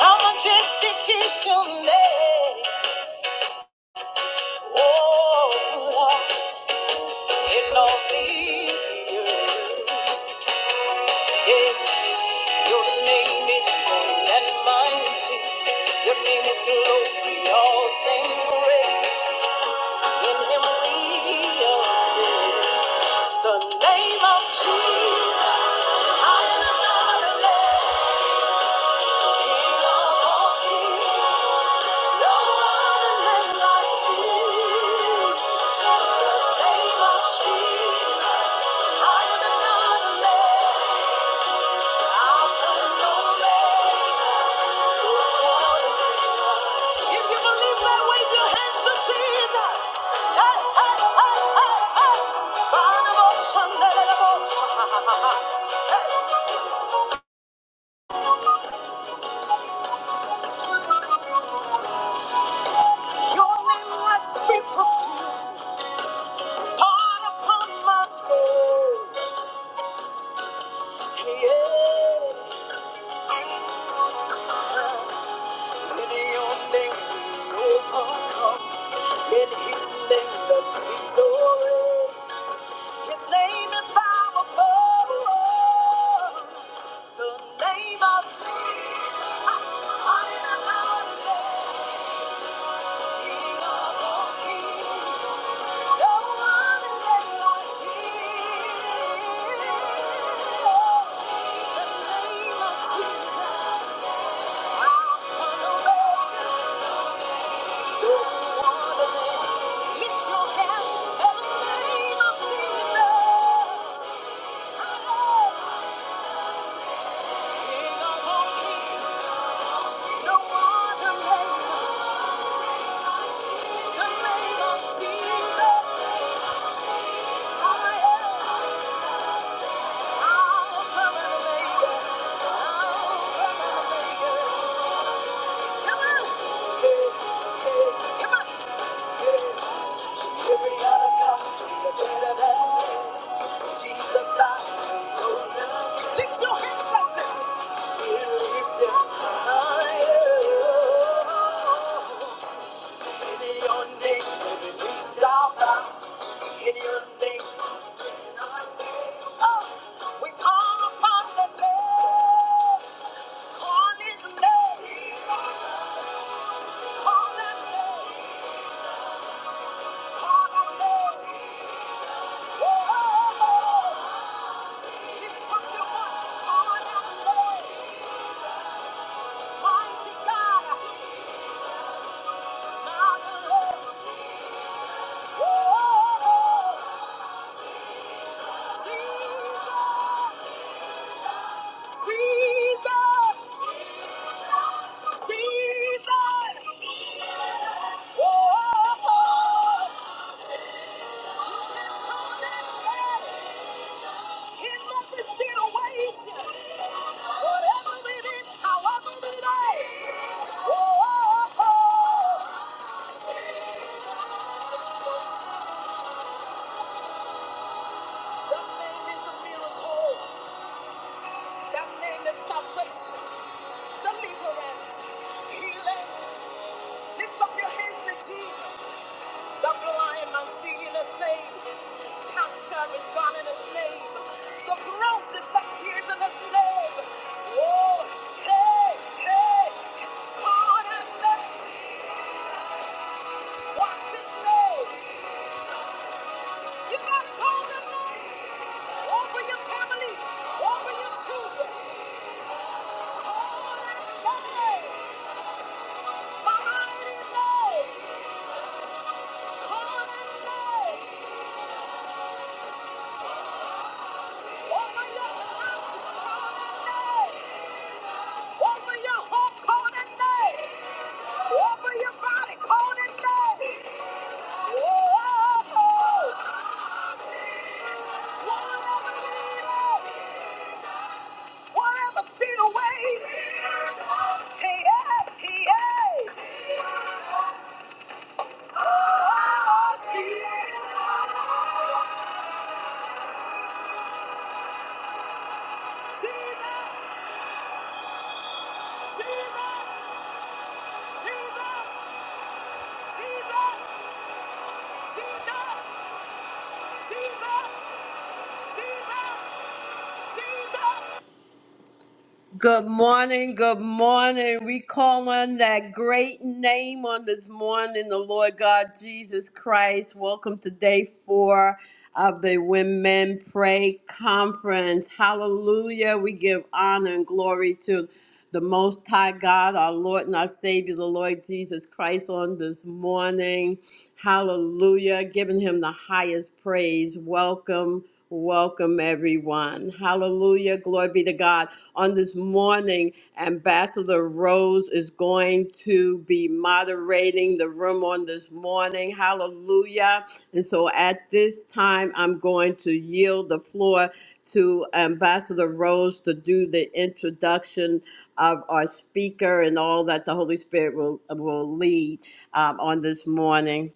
I'm a justification day. Oh, Lord, in all the earth. Yeah. Your name is holy and mighty. Your name is glory, all same praise. In him we are saved. The name of Jesus. I am not alone. King of all kings. In his name, that's victory. His name is powerful. The name of Jesus. I am not King of all kings. No other name like His. The name of Jesus. Alpha and Omega. No other name. Lift your hands and the name of Jesus. I am King of all kings. Lift your hands like this. Higher. In your name, we shall bow. We call upon the name, call his name, call that name, call that name. Oh, if Oh, Jesus, Jesus, Jesus. Lift up your hands to Jesus, the blind man seeing the same. Cancer is gone in a slave. The growth disappears in a slave. Oh, hey, hey. Call that name. What's his name? You gotta call that name. Over your family. Over your children. Call that name. My mighty name. Call that name. Over your house. Call that name. Over your home. Call that name. Over your body. Call that name. Whoa! Whatever needed, whatever feet away. Hey, hey, hey, hey. Oh, Jesus. Jesus, Jesus, Jesus, Jesus, Jesus, Jesus, Jesus. Good morning, good morning. We call on that great name on this morning, the Lord God Jesus Christ. Welcome to day four of the Women Pray Conference. Hallelujah. We give honor and glory to the Most High God, our Lord and our Savior, the Lord Jesus Christ, on this morning. Hallelujah. Giving him the highest praise. Welcome, welcome, everyone. Hallelujah. Glory be to God on this morning, Ambassador Rose is going to be moderating the room on this morning. Hallelujah. And so at this time, I'm going to yield the floor to Ambassador Rose to do the introduction of our speaker and all that the Holy Spirit will, will lead um, on this morning.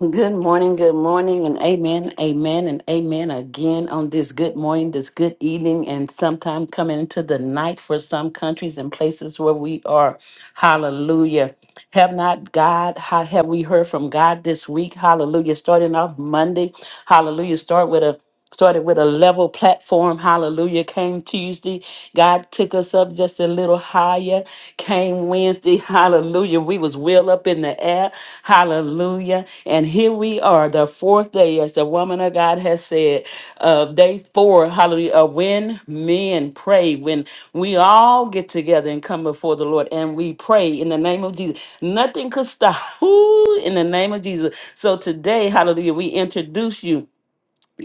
Good morning, good morning, and amen, amen, and amen again on this good morning, this good evening, and sometime coming into the night for some countries and places where we are. Hallelujah. Have not God, how have we heard from God this week? Hallelujah. Starting off Monday, hallelujah. Start with a started with a level platform hallelujah came tuesday god took us up just a little higher came wednesday hallelujah we was well up in the air hallelujah morning. And here we are, the fourth day, as the woman of God has said, of day four, hallelujah, of when men pray, when we all get together and come before the Lord and we pray in the name of Jesus. Nothing could stop. Ooh, in the name of Jesus. So today, hallelujah, we introduce you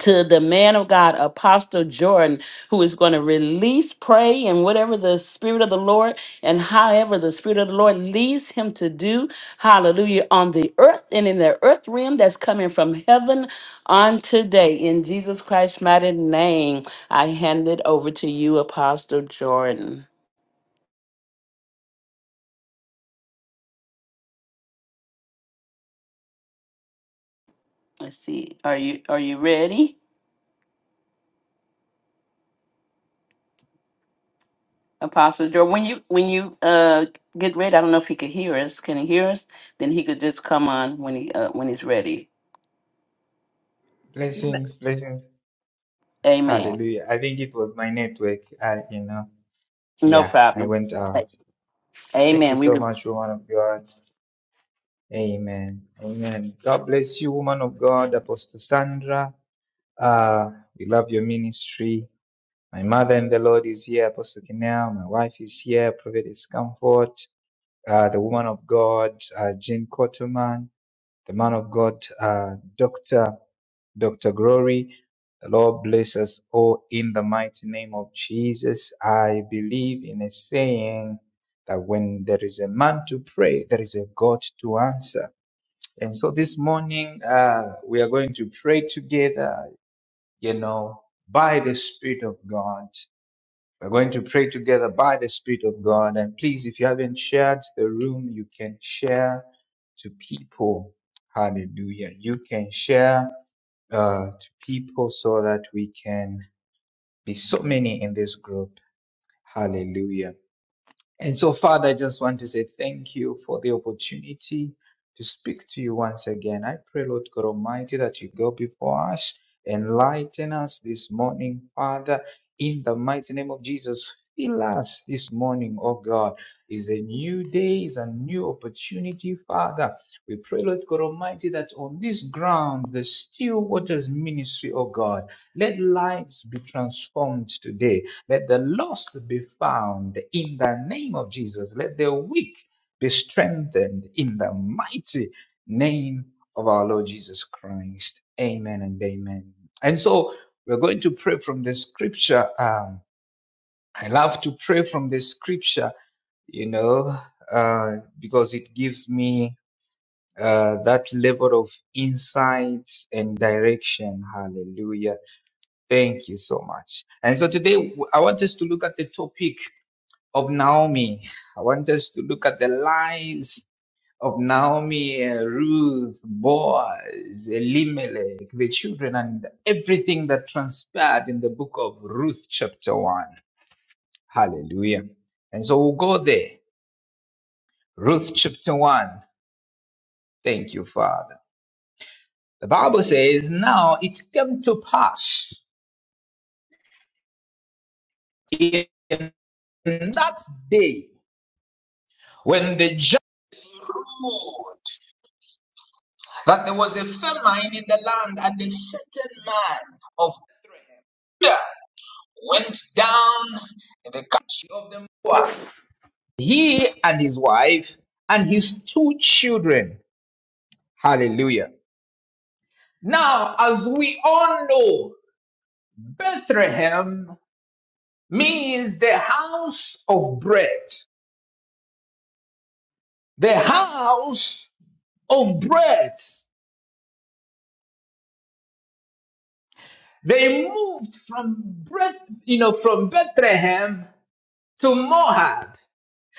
to the man of God, Apostle Jordan, who is going to release, pray, and whatever the Spirit of the Lord and however the Spirit of the Lord leads him to do, hallelujah, on the earth and in the earth realm that's coming from heaven on today. In Jesus Christ's mighty name, I hand it over to you, Apostle Jordan. Let's see. Are you are you ready? Apostle Jordan, when you when you uh get ready, I don't know if he could hear us. Can he hear us? Then he could just come on when he uh, when he's ready. Blessings, blessings. Amen. Hallelujah. I think it was my network. I, you know, No yeah, I problem. went out. Thank you Amen. We so much, woman of God. Amen. Amen. God bless you, woman of God, Apostle Sandra. Uh, we love your ministry. My mother in the Lord is here, Apostle Kinel. My wife is here, Prophetess Comfort. Uh, the woman of God, uh, Jean Cotterman. The man of God, uh, Doctor. Dr. Glory. The Lord bless us all in the mighty name of Jesus. I believe in a saying that when there is a man to pray, there is a God to answer. And so this morning, uh, we are going to pray together, you know, by the Spirit of God. We're going to pray together by the Spirit of God. And please, if you haven't shared the room, you can share to people. Hallelujah. You can share uh, to people so that we can be so many in this group. Hallelujah. And so, Father, I just want to say thank you for the opportunity to speak to you once again. I pray, Lord God Almighty, that you go before us, enlighten us this morning, Father, in the mighty name of Jesus. Fill us this morning, oh God. Is a new day, is a new opportunity, Father. We pray, Lord God Almighty, that on this ground, the still waters ministry, oh God, let lives be transformed today. Let the lost be found in the name of Jesus. Let the weak be strengthened in the mighty name of our Lord Jesus Christ. Amen and amen. And so we're going to pray from the scripture. Um, I love to pray from the scripture, you know, uh, because it gives me uh, that level of insights and direction. Hallelujah. Thank you so much. And so today I want us to look at the topic of Naomi. I want us to look at the lives of Naomi, uh, Ruth, Boaz, Elimelech, the children, and everything that transpired in the book of Ruth, chapter 1. Hallelujah. And so we'll go there. Ruth, chapter 1. Thank you, Father. The Bible says, Now it came to pass in that day when the judge ruled that there was a famine in the land, and a certain man of Bethlehem Judah, went down in the country of the Moab, he and his wife and his two children. Hallelujah. Now, as we all know, Bethlehem means the house of bread. The house of bread. They moved from bread, you know, from Bethlehem to Moab.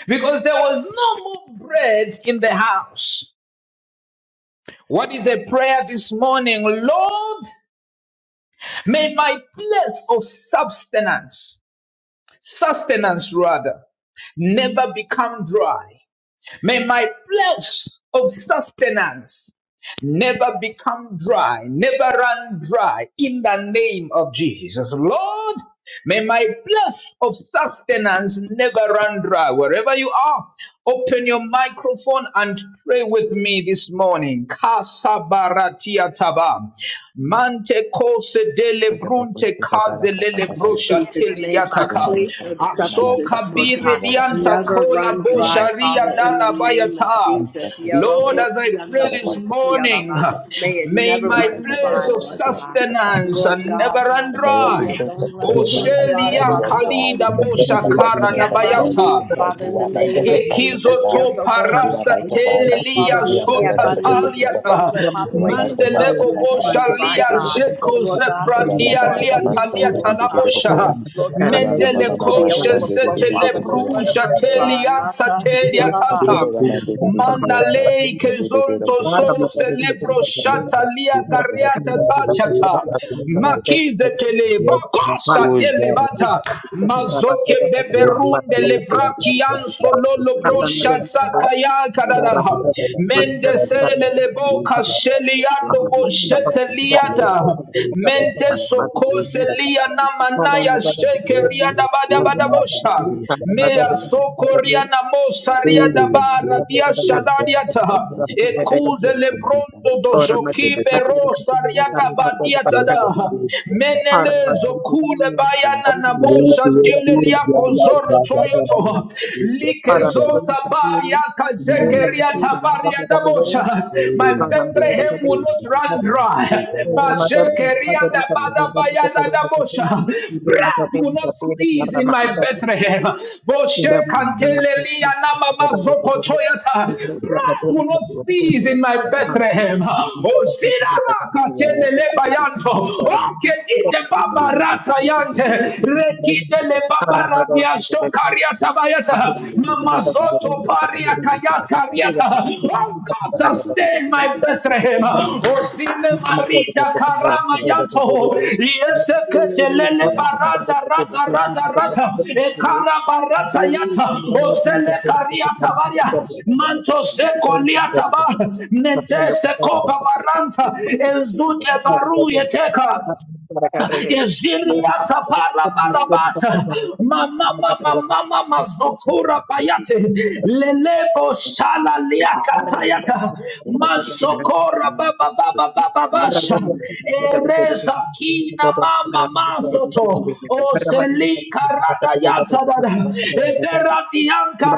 because there was no more bread in the house. What is a prayer this morning? Lord, may my place of substance, sustenance rather, never become dry. May my flesh of sustenance never become dry, never run dry in the name of Jesus. Lord, may my flesh of sustenance never run dry. Wherever you are, open your microphone and pray with me this morning. Kasabaratia tabam. Ante kose dele Peter Backus, brunte Peter Dallas, kaze Peter lele Dallas, brosha Jesus, tele may my yataka. Adrenaline place of Mosquito, supper, Nana Asoka Substance, Lord bire God, Never Wonder. dianta never run kola In the dry, bosha mighty Father. name ria of the Lord dala I bayata. bless you this Lord, morning. as I pray Father, this what the Father, morning, for that may you are my my place provider of for the day of the Father. sustenance never run And may dry. everything Thank concerning my life Oshelia never you. rest dry. Kalida In Bosha the mighty Kara da name of the Lord Jesus bayata. Christ, you are my total source of supply. Ikizoto You are parasa my provider. telelia You are my provider. sotataliata. You are my provider. Mandelebo You are my boshalia provider. zeko Ola pa pa zeprandia pa pa pa liata sande di liata di di di bokoya. labosha. Ola ma ma Mendele ma ma ma koshe sande di di sete di di bokoya. lebrusha Ola telia sateria tata. ola man di di di di di yasta. Mandalei Di di di di kezonto bokoya so sande di di di di di di celebro di shata di. lia Ola ma ma kariata ma ma ma ma tachata. sande di di di di di di di di. Makize tele bakosa Oh Lord God, telebata. Ola ma Mazoke di beberu Kunde di di di Lebrakian di di di di di di di Sololo di di Brosha di. Sakaya Ola Harap pa pa Kadadaha pa bisa pa pa pa disimpan pa tidak Mende sande di sebentar di Sele di di di. Leboka Ola Sheliando di di apapun di di dapat pa Boshete pa di tidak di di di dipilih Liada di dapat di. dia berkaitan Mente Ya di kesatuan di di di tentunya Sokose di di di Liana di di di di di cara Manaya negara di di. Shekeria ini Dabada In the namun mighty tetapi Badabosha di name samping ada Mea dapat of dapat Jesus, Sokoria dia Thank Namosaria mungkin dapat Dabara segera Dia negara kami dapat Shadadiata segera dapat beda jadi Ekuze Lebrondo orang mati Dojoki tak mati dapat Berosa segera Riana kami dapat Badiata dikatakan da. di para Menele batu yang kita Zokule ini Bayana orang na yang mau bosha dapat tidak Delelia tidak Pozoro tidak tidak Toyoto, para batu yang Likezonta kita ini Baria Kemudian, yang Kazekeria Tabaria kedua, Dabosha. My Bethlehem Terima will not run dry. Bazekeria Dabada Bayada Dabosha. Bread will not cease in my Bethlehem. Boshe Kantelelia Namama Zoko Toyota. Bread will not cease in my Bethlehem. Ozirama Katelele Bayanto. Oke Dite Babarata Tayante, Retite le you. Paparadia Shokaria Tabayata, Thank Mamazoto Paria Kayata Riata. Oh God, sustain my Bethlehem. kasih. Osine Terima Marita Karama Yanto, Yesekete Lele Baranda Rata Rata Rata, Ekara Barata Yata, Osele Karia Tabaria, Manto Seko Liataba, Mente Seko Babaranta, Ezute Baru Yeteka. Eziriata parabarabata. Mama mama mama mazokura bayate. Lelebo shala liakatayata. Masokora baba baba baba basha. Ereza you. kina mama Thank you, masoto. Father. Oseli karata yata dada. kasih. Eberati Terima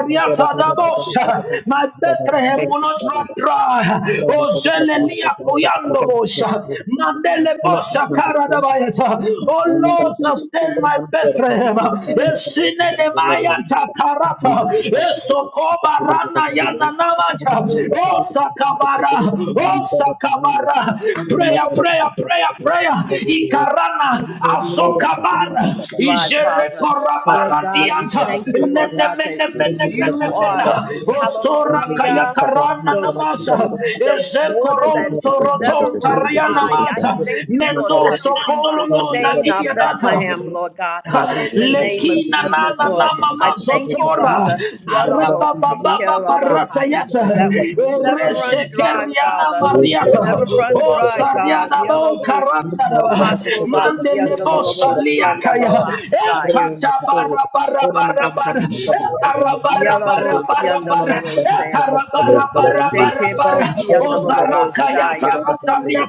Thank My Bethlehem will you, not run Father. dry. Oh, Zelelia Thank you, Father. Koyandobosha. In the Mandele name of Bosha my Lord. Karadabayata. Oh, Oh, the Lord, kasih. day is sustain my coming. Bethlehem. I am the Father. I Esine am the Nemayata Karata. Esokoba Rana Yana Namata. Oh, Sakabara. Oh Sakabara. Terima Prayer, prayer, prayer, prayer. Ikarana Azokabara. Rod, Father. Lord God, we Ijerekorabaradianta. thank you, Lord God, that you are the Menemenemenemenemena. Osora hallelujah, Kayakarana Namasa. the the water that Ezekoronto will Father. I am never Rotonta run Riana dry. the I Mata. Father. thank you, Lord God, Mendoso that you Kololo sustain our Dadiadata. Bethlehem, Lord God, in the name of Lekina na Jesus, na na Lord. I mama thank you, zotora Father, araba baba baba rata Yadaboshikelabahaya, yata that we never kasih. run erese dry, keriana Father. We mariata never run o dry, God. sariana bo karanda daba Makuba mande le bo Yandalobo saliata ya Yandalaba e Saya kata bara bara bara bara e kara bara bara Yalabo bara bara Yandalobo e kara bara bara Orang bara Seke bara Bos Thank o Yandalobo zaraka yata Saya. rata karia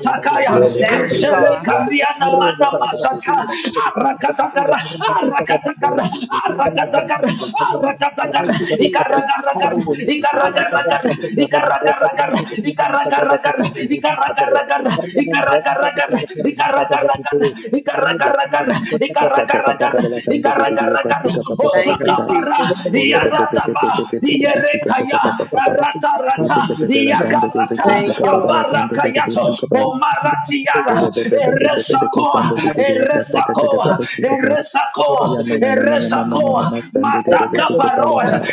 We takaya thank you, ezere God. karia na mana masata arakatakara arakatakara arakatakara arakatakara ikarakarakara ikarakarakara ikarakarakara ikarakarakara ikarakarakara ikarakarakara ikarakarakara ikarakarakara Kata papa ikarakarakara de la tante de Dios, ikarakarakara papa papa osakapara Ore pepe pepe pepe iaratapa pepe ier pepe suka pepe Erekaya, papa papa. Rata Rata, Kete pepe pepe la you. kande Thank pepe pepe Yakarata, suka papa la kande pepe pepe Abarakayato, suka pa. Omaratiara, Ore pepe pepe pepe pepe Eresakoa, kusande pepe pepe ata ata ata ata pepe Eresakoa, kuchika ta. Eresakoa, Ya na na na na na mama mama Eresakoa, mama sande pepe pepe Masaka kete pala Baroa, kai.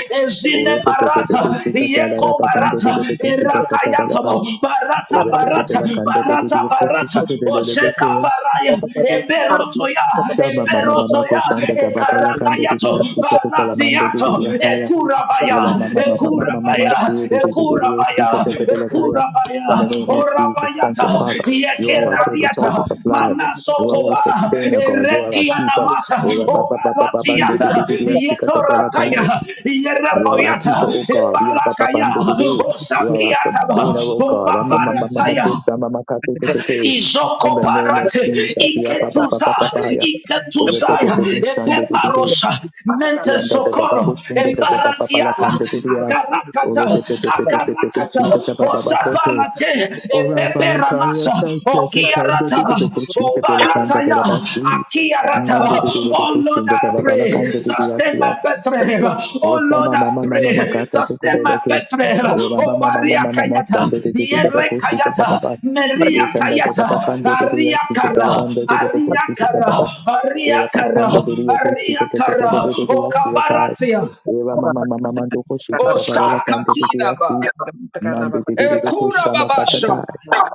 Ore Ezine pepe pepe pepe Barata, suka ta la la Yeko pa kande Barata, pepe pepe suka ta ta ta la pa. Erakayatamo, Barata Ore pepe pepe la Barata, kande pepe Barata pepe kuchika Barata, te le le le Ozeka pepe ya. Baraya, Eberotoya, Ya mama Ebero mama mama erotoya, kushanda ta papa la kande pepe ekarakayato, pepe suka te la mando pepe baratiato, pepe ya kaya. ekurabaya, Kura ma- ma- ma- ma- ma- ma- ma- ma- ekurabaya, shi- di- di- di- di- di- oh, shi- ekurabaya, ka- te- te- te- le- kaya. ekurabaya, In the name of Jesus, thank you, orabayata, you. Father. You are our total source of yekeradiata, supply. You are our manasokoba, sustainer, God. You are our keeper. eretianamata, Oh, ra- pa- pa- pa- pa- pa- ban- di- di- di- obaratiata, di- di- oh, shi- ka- te- pa- la- kai. yetorakaya, You are our keeper, yerapoyata, oh God. Ya- pa- pa- ban- ebarakaya, di- di- di. You are our osakiataba, sustainer, oh God. Ah, ma- ma- ma- ma- ma- opaparataya, kusha, ma- ma- ka- te- te- te- te. izoko In the name of parate Jesus. Ya- pa- pa- pa- iketuza pa- pa- pa- ya. Oh, re- pe- pe- iketuzaya pe- pe- stand, di- di- di- di. epeparosa mente Yanda da da sokoro bako singa da da ba ba ba la embaratiata kanda di di akarakata Ore pe pe pe pe pe pe pe pe akarakata Sita da da ba ba ba kote. osaparate Ora ba la kaya epeperanasa ka cheka kanda di di okiarataba pe ko si da pe la kanda da obarataya da ba si. akiara. Mande di di di pe Oh ko Lord, da I ba ba la pray, kanda di di ya sustain si my Bethlehem. Oh O ta Lord, ma ma ma I ma ma ka pray, ta ko te sustain le my le ke. Bethlehem. O mama Oh mama mama Maria mama ma ma ma ma san Kayata, di di di di Terima di kasih. pe Yedre ko si da ba Kayata, ba. Maria Terima E tan da da ba Kayata, kando di di ya Aria si da da la Kara, kanda di di pe ko Aria si da ba ba. Kara, E Aria wa pa tan da Kara, di di yo ko si Aria da da da da da Kara, da di Oh si ta. Kabaratia, Eva mama mama mando O koshikata babala kante tete Sakatinaba, yasi mande tete tete Ekura koshama katata. Babasha,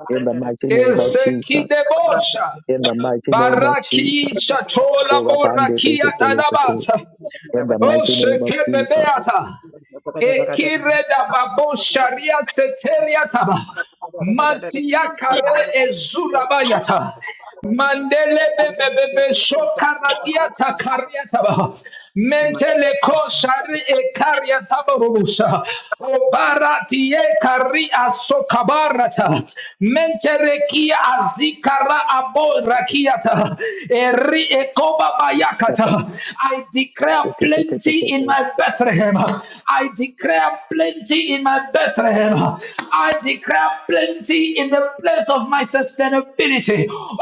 In the mighty name is of the Jesus. Kidebosha. In the mighty name of Baraki Jesus. Shatola Ora pande Borakia peke tele kete. Tanabata. In the Oh, mighty name of Jesus. shekebedeata. kasih. Ekireda babo sharia seteriata. Mantia kare ezula bayata. Mandele bebebebe shokaradia takaria taba. Mentele koshari e karia taba rubusa. Obarati e karia sokabarata. Mentere kia azikara aborakiata. Eri e koba Shaka bayakata. I declare tete tete plenty in tete my Bethlehem. I declare plenty plenty in my Bethlehem. I declare plenty in the place of my sustainability. Oh,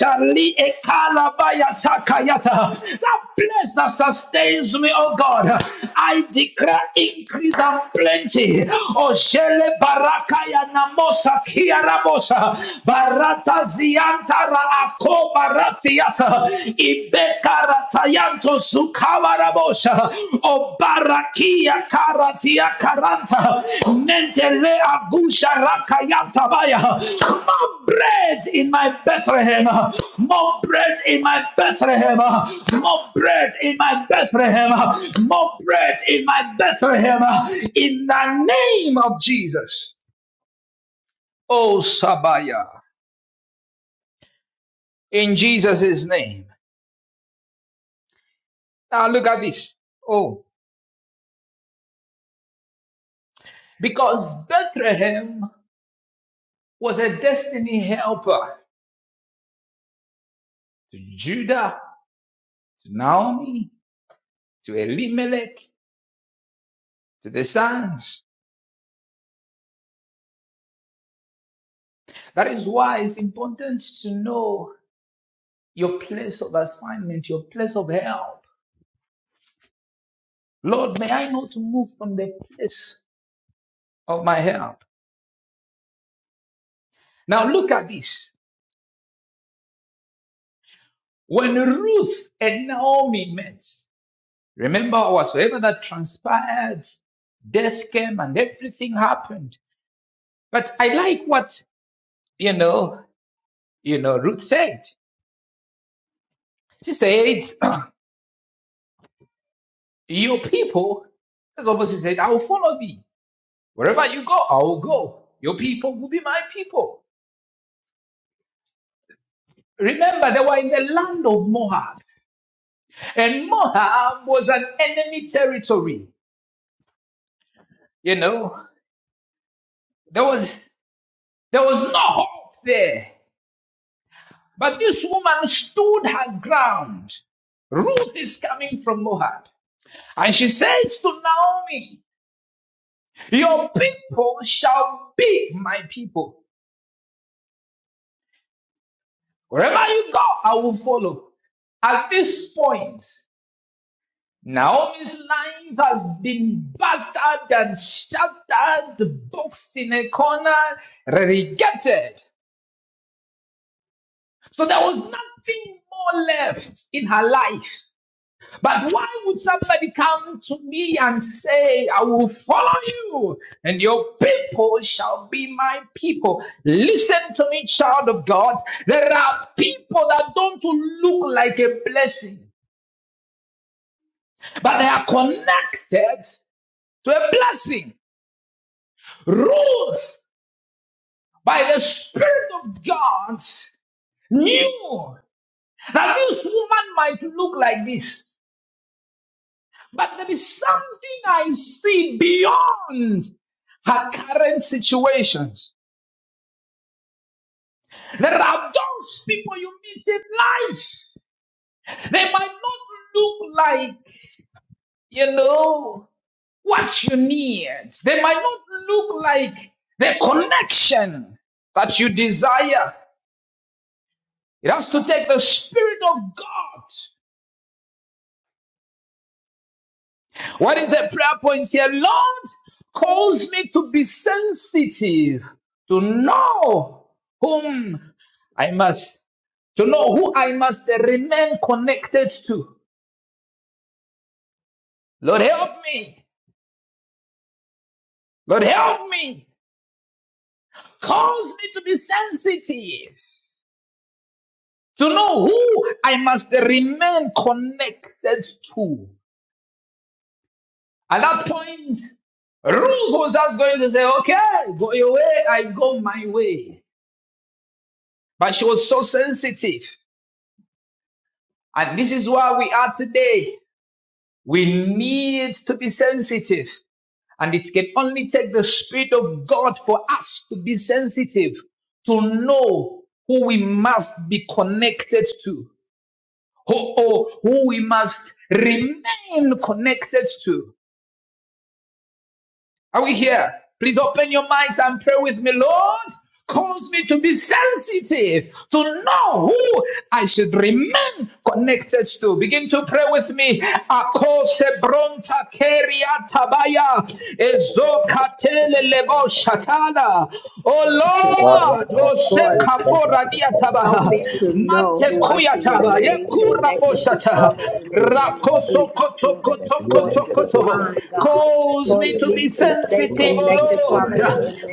Shali Ekalabaya Sakayata. That place that sustains me, oh God. I declare increase and plenty. Oh, Shele Barakaya Namosa Tiarabosa. Barata Ziantara Ako Baratiata. Ibekaratayanto sukavarabosha. Obarakia karatia karanta. Mentele agusha rakayantabaya. More bread in my Bethlehem. More bread in my Bethlehem. More bread in my Bethlehem. More bread in my Bethlehem. In the name of Jesus. Oh, Sabaya. In Jesus' name. Now look at this. Oh. because Bethlehem was a destiny helper to Judah, to Naomi, to Elimelech, to the sons. That is why it's important to know your place of assignment, your place of help. Lord, may I not move from the place of my help. Now look at this. When Ruth and Naomi met, remember whatsoever that transpired death came and everything happened. But I like what, you know, You know, Ruth said, she said, your people, that's what she said, I will follow thee. Wherever you go, I will go. Your people will be my people. Remember, they were in the land of Moab, and Moab was an enemy territory. You know, there was there was no hope there. But this woman stood her ground. Ruth is coming from Moab. And she says to Naomi, Your people shall be my people. Wherever you go, I will follow. At this point, Naomi's life has been battered and shattered, boxed in a corner, relegated. So there was nothing more left in her life. But why would somebody come to me and say, I will follow you, and your people shall be my people? Listen to me, child of God. There are people that don't look like a blessing. but they are connected to a blessing. Ruth, by the Spirit of God, knew that this woman might look like this, but there is something I see beyond her current situations. There are those people you meet in life, they might not look like you know, what you need. They might not look like the connection that you desire. It has to take the Spirit of God. What is the prayer point here? Lord, cause me to be sensitive, to know whom I must, to know who I must remain connected to. Lord, help me. Lord, help me. Cause me to be sensitive to know who I must remain connected to. At that point, Ruth was just going to say, okay, go your way, I go my way. But she was so sensitive. And this is where we are today. We need to be sensitive. And it can only take the Spirit of God for us to be sensitive, to know who we must be connected to, who, or who we must remain connected to. Are we here? Please open your minds and pray with me, Lord. Cause me to be sensitive, to know who I should remain connected to. Begin to pray with me. Akose bronta keria tabaya, ezokatele lebo shatana. Oh Lord, tete. Oseka borania tabaha, mante kuya We stand taba, for the good ones yekura that were boshata. meant to us. Rakoso koto And koto every koto connection that koto, is not Cause me a to great be bit of the living sensitive, God that you would O give me Lord. this earth, and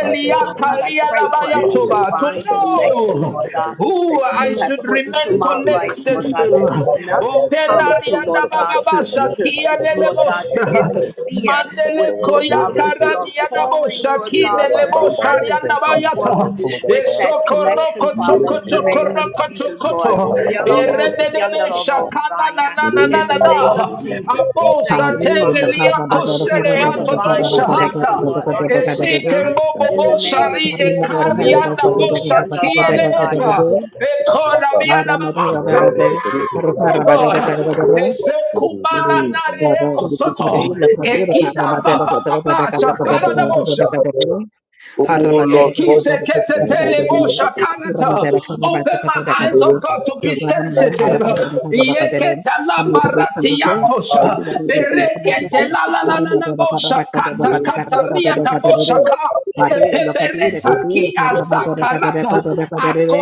I even marriages, know Lord God. the I things pray that my for every father, To divine future would name the connection, know Lord gratitude God, to who that in the I you name have should of put into remain Jesus, my Lord, I give life, connected Lord the God, gratitude to. that to those that nothing that would comes to, take me Lord to my God, to, destiny and to to my purpose. Lord God, In to the mighty Openariadabababashakiadelebosha. name of interfere Jesus, Mandele with, Lord, I give Lord you koya the God, with kara your gratitude to diada God. calling, bosha Lord kine Ura God, le ba to ba ba, bosha let happen, to riana your come peace, let forth your bayata. cool down, with Father, that Eso come to your connection, house. koroko Father, Dun dun koto in dun the dun toko dun name dun. of roko Jesus, koto Lord. Yeah, to. pa pa pa, son, Yellow, dun dun Erede dun de dun be yonder, dun, son. shakana na Messiah. na Dun na dun dun na In dun na the dun name dun of na. dun, son. Jesus, we Abosa thank Yeah, Hari you, ma ma with tele the ma Father. ma. lia Karabata Hallelujah kosele for Yeah, ma ato ma ma divine ma dosha ma ma connection, hata. ma Lord, ma ma on ma. today, Esike God. mbobo Thank In the bosha name of ri Jesus. ekari Karabata anda bosha Yatavosiandavasaya. kielebeta. Ekona biada ba eyes, oh God. Ezekumananare ekosoto. Ekita ba ba ba ba. Karabata Shakara da you. bosha. Hari harap ada harap ada harap ada harap ada harap Ekiseketeteleboshakanata. ada harap ada Open harap my ada eyes, oh harap God, to be ada harap ada harap ada harap ada harap ada harap ada harap ada harap ada harap ada harap sensitive. ada harap Yeketalabaratilantosha. Bereketelalalalalaboshakanta kantariataboshaka. Epeperezaki azakarata. ada harap ada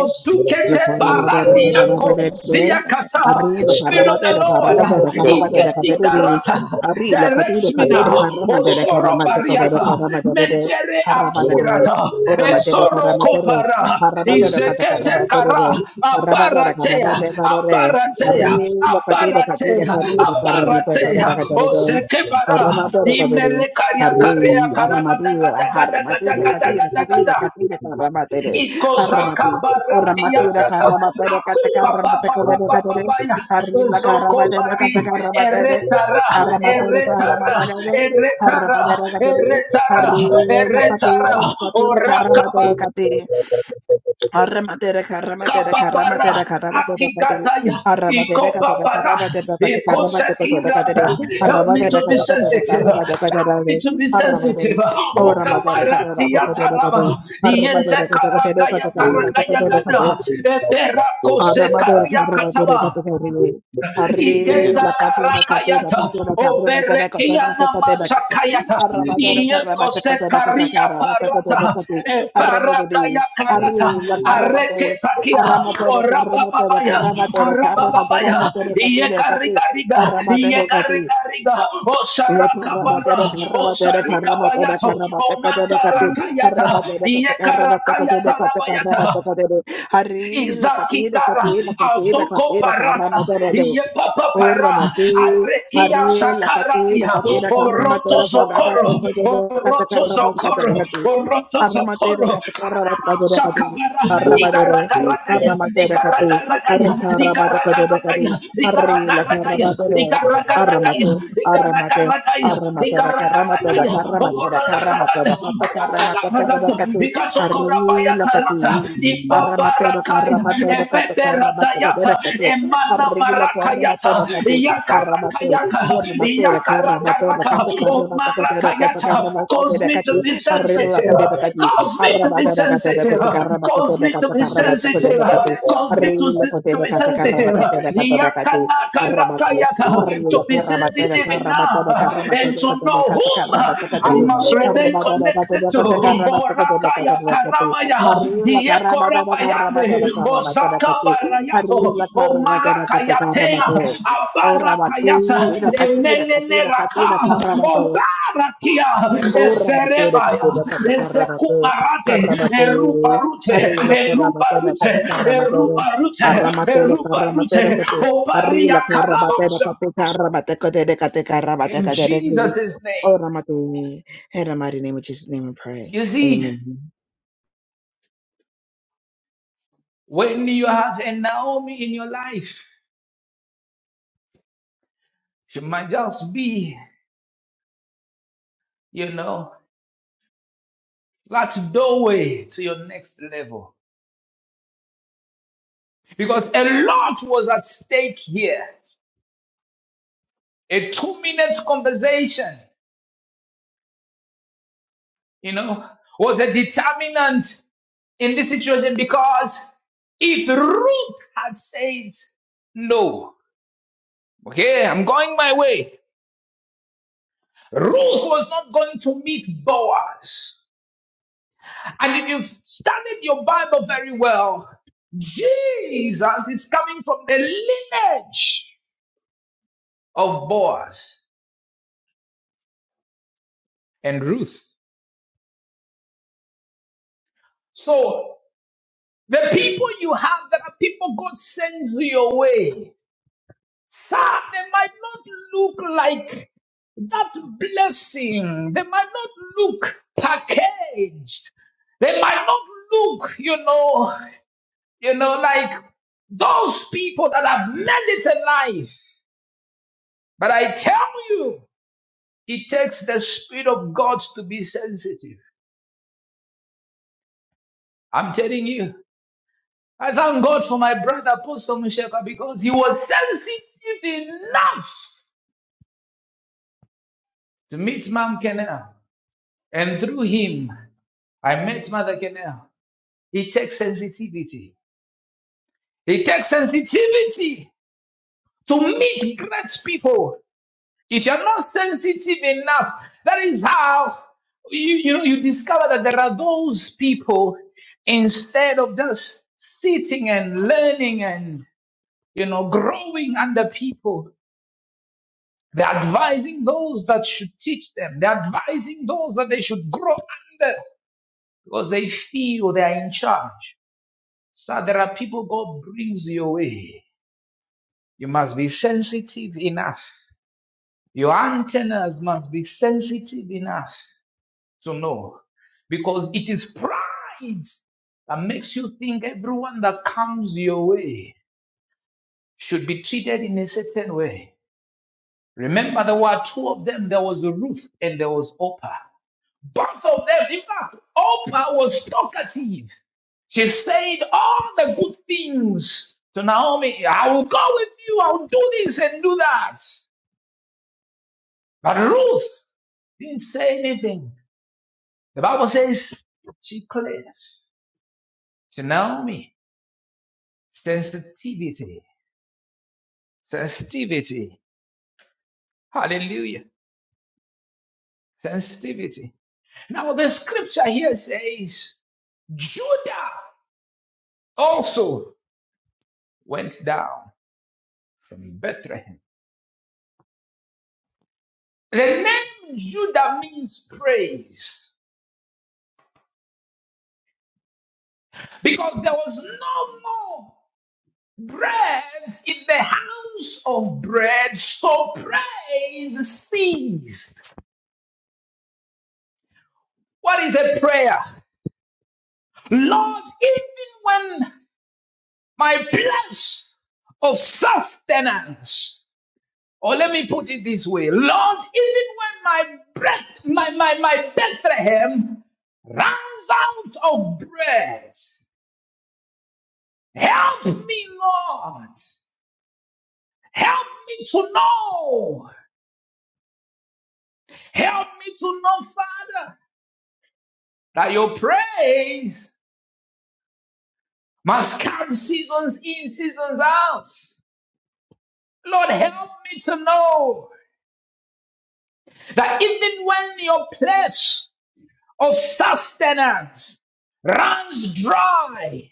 Los paramadero, barandi barandia paramadero, kosiakata. Arri, los Spirit of the paramadero, Lord, paramadero, paramadero, Igeti cateriri. garata. Arri, los catire, Direct me catire, now. caramadero, Osoro caramadero, caramadero, bariata. caramadero. Mentere akirata. Oramadero, Ezoro caramadero, kopara. caramadero, cata, Izekete kara. caramadero, caramadero, Abaratea. caramadero, Abaratea. Arri, los catire, catire, Abaratea. catire, caramadero, Abaratea. caramadero, Ozeke bara. oramadero, cateriri. Arri, Imelekariakarea aramadero, caramadero, catire, catire, karagadagadagadagadagadagadagada. catire, Ikozaka caramadero. baratia Ramatira sata. Karamatera Akuba ba baba baba ba ba Katakaramatakaramatakare, ya. Harila Zoko Karamatera bari. Katakaramatare, Eretara. Aramatera Eretara. Karamatare, Eretara. Haramatera Katare, Eretara. Harila Eretara. Katira Katira Oraka ba. Karamatera Kati, Aramatera Karamatera Kababara, Karamatera Karamatera Kati, Atigataya, Aramatera Katara Ikobabara, Karamatera Katakaramatera Katare, Ikosatirata. Help me Aramatera to be Katakatera sensitive. Help Karamatera me to be sensitive. O Aramatera, Kamarati Oramatera Yataraba, Yente Karagaya Karamatera Karagaya Kati, Gada, Eperako Arabador, Sekaria Arabador, Kataba. Arabador, Harry, Itesa in Bakati, Bakati, Bakati, karakayata. Bakati, Bakati, Operekia Bakati, Bakati, namasakayata. Arabador, Arabador, Iyeko Arabador, setaria Bakati, parata. Bakati, E Arabador, parakaya karata. Arru, Arete Bakarabador, sakia. Aramador, Aramador, Aramador, Orabababaya. Aramador, Aramador, Arabababaya. Aramador, Iyekarikariga. Aramador, Aramador, Iyekarikariga. Harry, the Osarakabara. Osarikabayato. Omantarakayata. Iyekarakayata labayata. Katina, Izatikara Katina, Katina, azoko Katina, parata Karamata, yepapa para Oramatu, arekia Hare, la Patu, la shakaratia Patera, oroto Carramatera, Carrabata, zokoro Cordero, oroto zokoro Catacarrabatu, oroto Arramatera, zokoro Catacarrabata, Catu, Shakabara, Arramadere, Igaragarataya, Arramatera, Catu, Igaragarataya, Arre Carrabata, Cordero, Catu, Igaragarataya, Arre, la Igaragarataya, Carramatore, Igaragarataya, Arramatu, Arramate, Igaragarataya, Arramatera, Carramatera, Igaragarataya, Carramatera, Carramatera, Okoragarataya, Catacarrabata, Cordero, Radato, Catu, Arre, la Ikasokorabayata Rata, Catu, Aramatero Ipaparakaya, karamatero kata karamatero Epeperatayata, kata kata. Emana Arrigula Marakayata, karamatero kata karamatero. Yakarakayaka, Ormatero karamatero Yakarakaraka, kata karamatero kata kata Omarakayata. Cause karamatero me to kata. be Arrigula sensitive, kata kata. cause me to be Aramatero kata sensitive, kata cause karamatero me to kata be karamatero sensitive, kata kata. cause me to, Arrigula se- to kata be kata sensitive, karamatero kata kata kata. Yakanakarakayaka, Ora to be mati, udah kati, sensitive udah kati, enough and to to whom I must remain connected to. Orakaya taramaya, iekorabayande, ozaka barayato, omarakayatea, abarakayasa, emenene udah kati, udah cara obarakia, Oramate eserebaya, kateba katakaramate ezekumarate, karamate erubarute, hari lokoramate kate erubarute, karamate erubarute, aramate karamate erubarute, kate hari lokoramate obariakarabosha. kate karamate kate kate karamate In kate Jesus' name. oramate in the mighty name of Jesus name we pray You see, amen When you have a Naomi in your life, she might just be, you know, that doorway to your next level. Because a lot was at stake here. A two minute conversation, you know, was a determinant in this situation because if Ruth had said, no, okay, I'm going my way, Ruth was not going to meet Boaz. And if you've studied your Bible very well, Jesus is coming from the lineage of Boaz and Ruth. So the people you have that are people God sends your way, sir, they might not look like that blessing. They might not look packaged. They might not look, you know, you know, like those people that have made it in life. But I tell you, it takes the Spirit of God to be sensitive. I'm telling you. I thank God for my brother Apostle Musheka because he was sensitive enough to meet Mom Kenel. And through him, I met Mother Kenel. It takes sensitivity. It takes sensitivity to meet great people. If you're not sensitive enough, that is how you, you know you discover that there are those people instead of just sitting and learning and you know growing under people, they're advising those that should teach them. They're advising those that they should grow under because they feel they are in charge. So there are people God brings your way. You must be sensitive enough. Your antennas must be sensitive enough to know because it is pride that makes you think everyone that comes your way should be treated in a certain way. Remember, there were two of them. There was Ruth and there was Oprah. Both of them, in fact, Oprah was talkative. She said all the good things to Naomi. I will go with you. I will do this and do that. But Ruth didn't say anything. The Bible says she clears to Naomi. Sensitivity. Sensitivity. Hallelujah. Sensitivity. Now the scripture here says Judah also went down from Bethlehem. The name Judah means praise because there was no more bread in the house of bread, so praise ceased. What is a prayer? Lord, even when. My place of sustenance. Or let me put it this way. Lord, even when my breath, my, my, my Bethlehem runs out of bread, help me, Lord. Help me to know. Help me to know, Father, that your praise must come seasons in, seasons out. Lord, help me to know that even when your place of sustenance runs dry.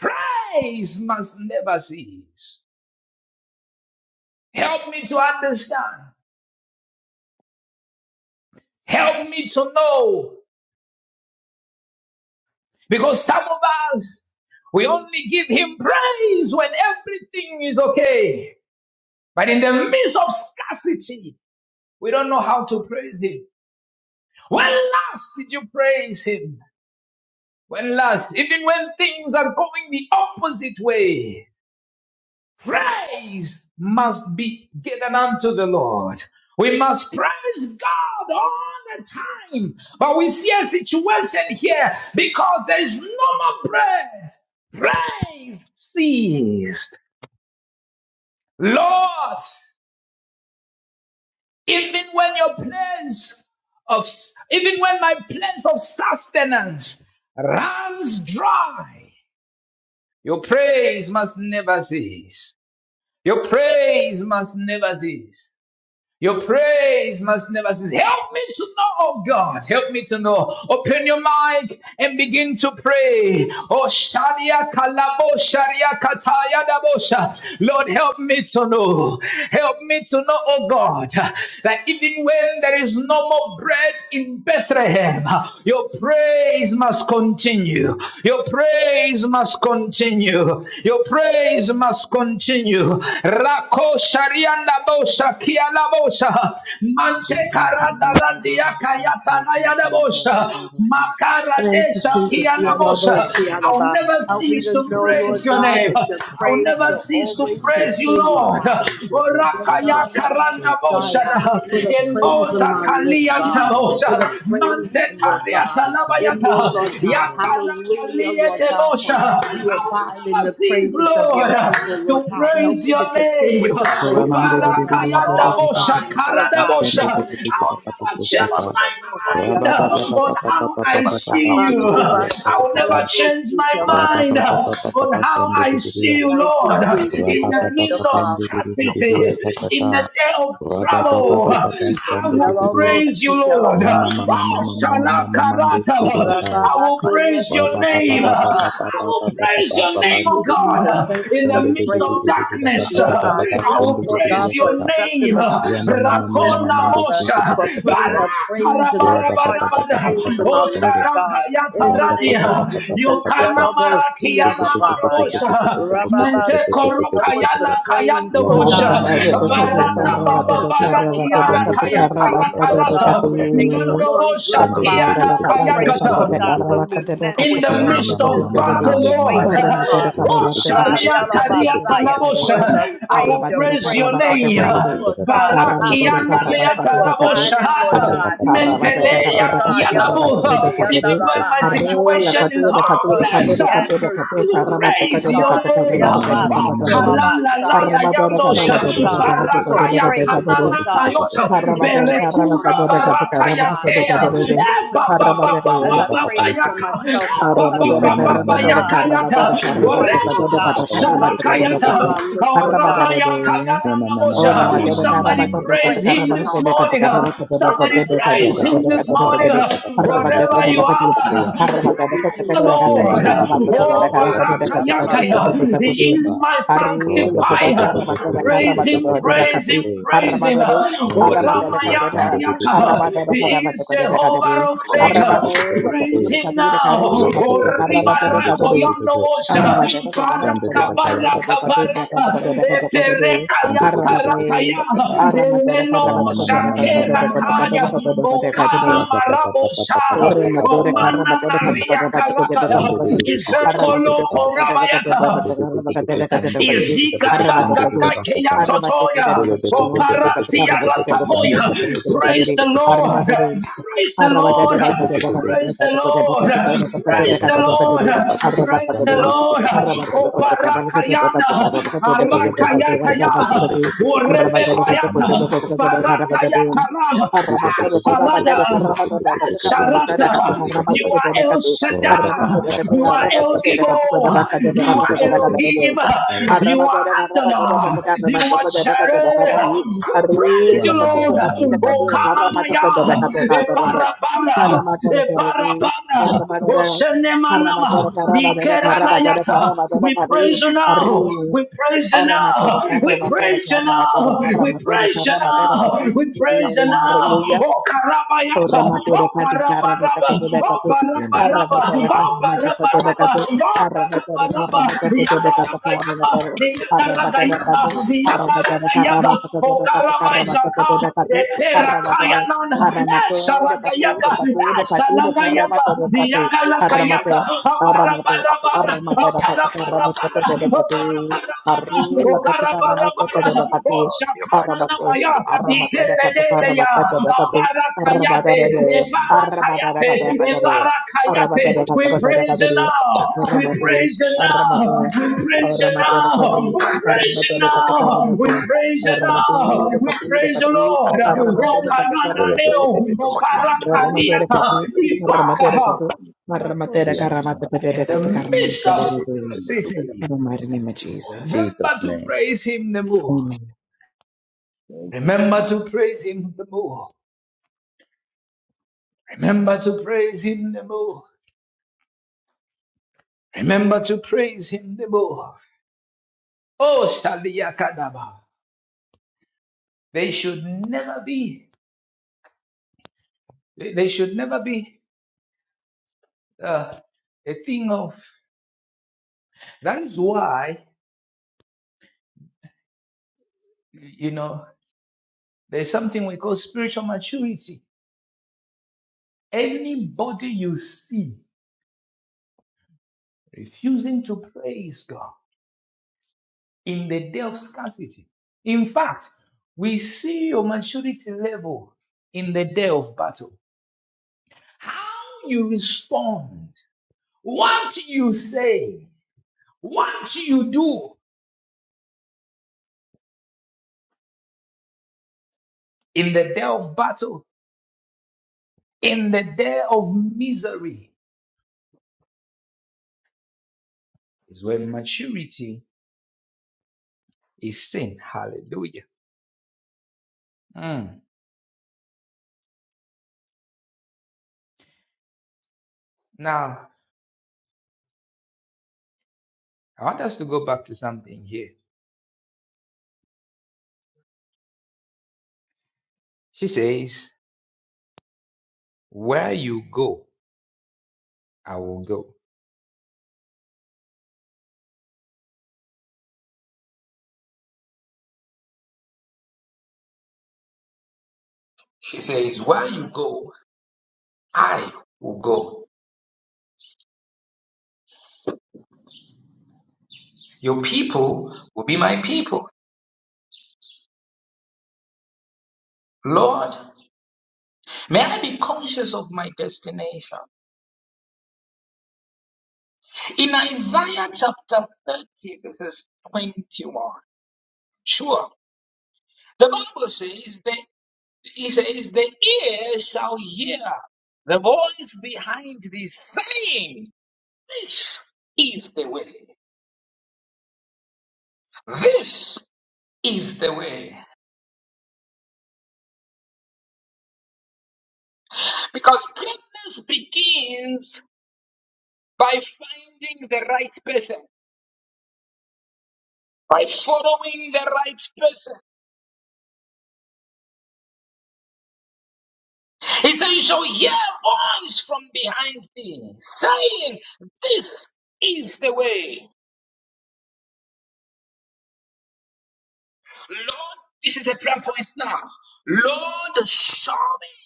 Praise must never cease. Help me to understand. Help me to know. Because some of us, we only give him praise when everything is okay. But in the midst of scarcity, we don't know how to praise him. When last did you praise him? When last, even when things are going the opposite way, praise must be given unto the Lord. We must praise God all the time. But we see a situation here because there is no more bread. Praise ceased. Lord, even when your place of, even when my place of sustenance runs dry, your praise must never cease. Your praise must never cease. Your praise must never cease. Help me to know, oh God. Help me to know. Open your mind and begin to pray. Oh Sharia Kalabo Sharia Kataya Dabosha. Lord, help me to know. Help me to know, oh God, that even when there is no more bread in Bethlehem, your praise must continue. Your praise must continue. Your praise must continue. Rak. Ko sharianda bosha kia bosha. Mante Zulu karada radia Kubara kayata na bosha. Makara desha bosha. I'll never cease to praise your name. I'll never cease to praise you, Lord. Orakaya karanda bosha In bosha kalianta bosha. Mante kariata la Kayatata Yakana kalie de bosha. Cease, Lord, to praise your name. Rabba Barakayanda bosha, karada bosha. I will never change my mind on how I see you. I will never change my mind on how I see you, Lord. In the midst of scarcity, in the day of trouble, I will praise you, Lord. Oh, shalakarata. I will praise your name. I will praise your name, oh God, uh, in the midst of darkness. uh, I will praise your name. Rama mama mama mama ndo shete pata pata pata. Rapa pata uh, Rakona Mosha. Baraka pata rabarabarabada. pata pata pata O shende. Saranga Rapa pata Yataradia. pata pata pata pata. Yokana Tete Maratiana tete tete tete tete tete Marabosha. tete Mente tete tete Koroka tete tete Yala Kayanda Harus Rama mama Mosha. mama mama mama mama Barata mama Baba mama ndo. Baratiara Shende tete Kaya tete tete pata pata Karakarata. pata pata Mando Mosha Shende tete Tiana tete tete tete tete Kayakata shende tete. in the Rama midst mama mama of mama battle, mama Lord. mama. Yo Oh, shete tete Sharia tete tete Taria tete tete tete. Talabosha. I will praise your name. Shende tete pata pata pata pata Barakiana tete. Lea Shete Tarabosha. pata pata pata pata Mentelea pata pata pata pata. Kialabo. Shende tete Even tete. when my situation is hopeless, I will praise your name. Oh, Yama Kalala Harra Lala Yandosha. Barakaya Kanana Yota. Berekura Barata Kaya ta, ba ba ba ba ba ba kaya ta, ba ba ba ba ba kaya ta, whatever you are, kaya ta. Our Rama yaya na na Ora moshah. matero cara Somebody bato do praise kota cara him bato this de kota morning. cara bato do kota Somebody do kota do praise kota him do this kota morning. do kota har bato ko Whatever ne you bakat ni har are bato do kota the cara kata Lord. kata ala bato ko da Oh, kata kata da kata kara mate ora Barakayakaya. kata do kota do kota He do is my hari lo kota sanctifier. cara bato da cara Praise bato him, do da praise kati him, har praise him. bato do har Oh, mata da kata da har Ramayakayaka. bato da He cara bato is ko da kata Jehovah do har Rofega. bato da kati Praise da him now. kati da kari lo Stand kati da Oh, cara bato da kata Ribaratoya Yandosa, Arramatere Baraka, Baraka, Baraka, Epereka, Yakarakaya, Enenomo Zakera Kaya, Okana Marabosa, Omana Maria Karakaya, Izekolo Korabayata, Praise the Lord. Praise the Arrabatero, Lord. Praise the Lord. Praise the Lord. Praise the Lord. Oparakayana. When I Arakayataya. Orebebayata. Barakayatara. Ah, Sarada. Ah, Sharata. You are are El Shaddai. You are El Gibor. You are Elohim. You Hallelujah. are Adonai. You are Jireh. We praise you, Lord. O Kamamaya, E Barabara. E Barabara. O Senemanama. Di Keranayata. We praise you now. We praise you now. We praise you now. We praise you now. We we praise the now. Oh Karabayata. Oh Oramatura katu karabata Parabaraba. koto de Oh katu Parabaraba. karabatera Oh kumatu koto de Parabaraba. katu Oh arabatera Parabaraba. karabata koto de katu Yakaraka yaka. karabatera Yakaraka arabatera yaka. katu arabatera Yakaraka yaka. karabata koto Oh de katu karabata Karabayaka. koto de katu arabatera Eperakaya nana. aramate de Esaraka katu de yaka. katu de katu de Esaraka yaka. karabatera katu Yakaraka aramate yaka. aramate Aparabarabara. aramatera katu karabata koto de katu Aparabarabara. Haru la O katu karabara bara karabata look at koto de Ogarabara, katu uh, Nehemiah chapter arabate Oshakananamaya, 4, verse number 6, aramate de katu right? Diteleleleya, karabata koto de katu Abarakayate, Arrabadabade, Ebarakayate, arrabadaragadabadare, Ebarakayate. We praise you arrabadaragadabadaragadare, now. We arramate, praise you now. arramate, We praise you Chapter 6, love now. arramaterekari, We So praise you we now. We know arramaterekatekarramate, praise you that now. We praise the arramaterekatirekati, Lord. is never the Lord you arramaterekatekarramate, Okanananeo, are the Lord of your Obarakariata, arramaterekati, mind, the Lord Ibakaha. arramaterekatu, arramaterekarramaterekatekaramate. In the midst of In scarcity, the mighty name of Jesus. Remember Jesus' to name. praise him the more. Amen. Thank you, Remember to praise him the more. Remember to praise him the more. Remember to praise him the more. Oh, Shaliyakadaba. They should never be, they they should never be uh, a thing of. That is why, you know, there's something we call spiritual maturity. Anybody you see refusing to praise God, in the day of scarcity. In fact, we see your maturity level in the day of battle. How you respond, what you say, what you do in the day of battle, in the day of misery is when maturity is seen. Hallelujah. Mm. Now, I want us to go back to something here. She says, Where you go, I will go. She says, where you go, I will go. Your people will be my people. Lord, may I be conscious of my destination. In Isaiah chapter 30, this is 21. Sure. The Bible says that it says the ear shall hear the voice behind thee saying, This is the way. This is the way. Because greatness begins by finding the right person. by following the right person. He said, You shall hear a voice from behind thee saying, This is the way. Lord, this is a prayer point now. Lord, show me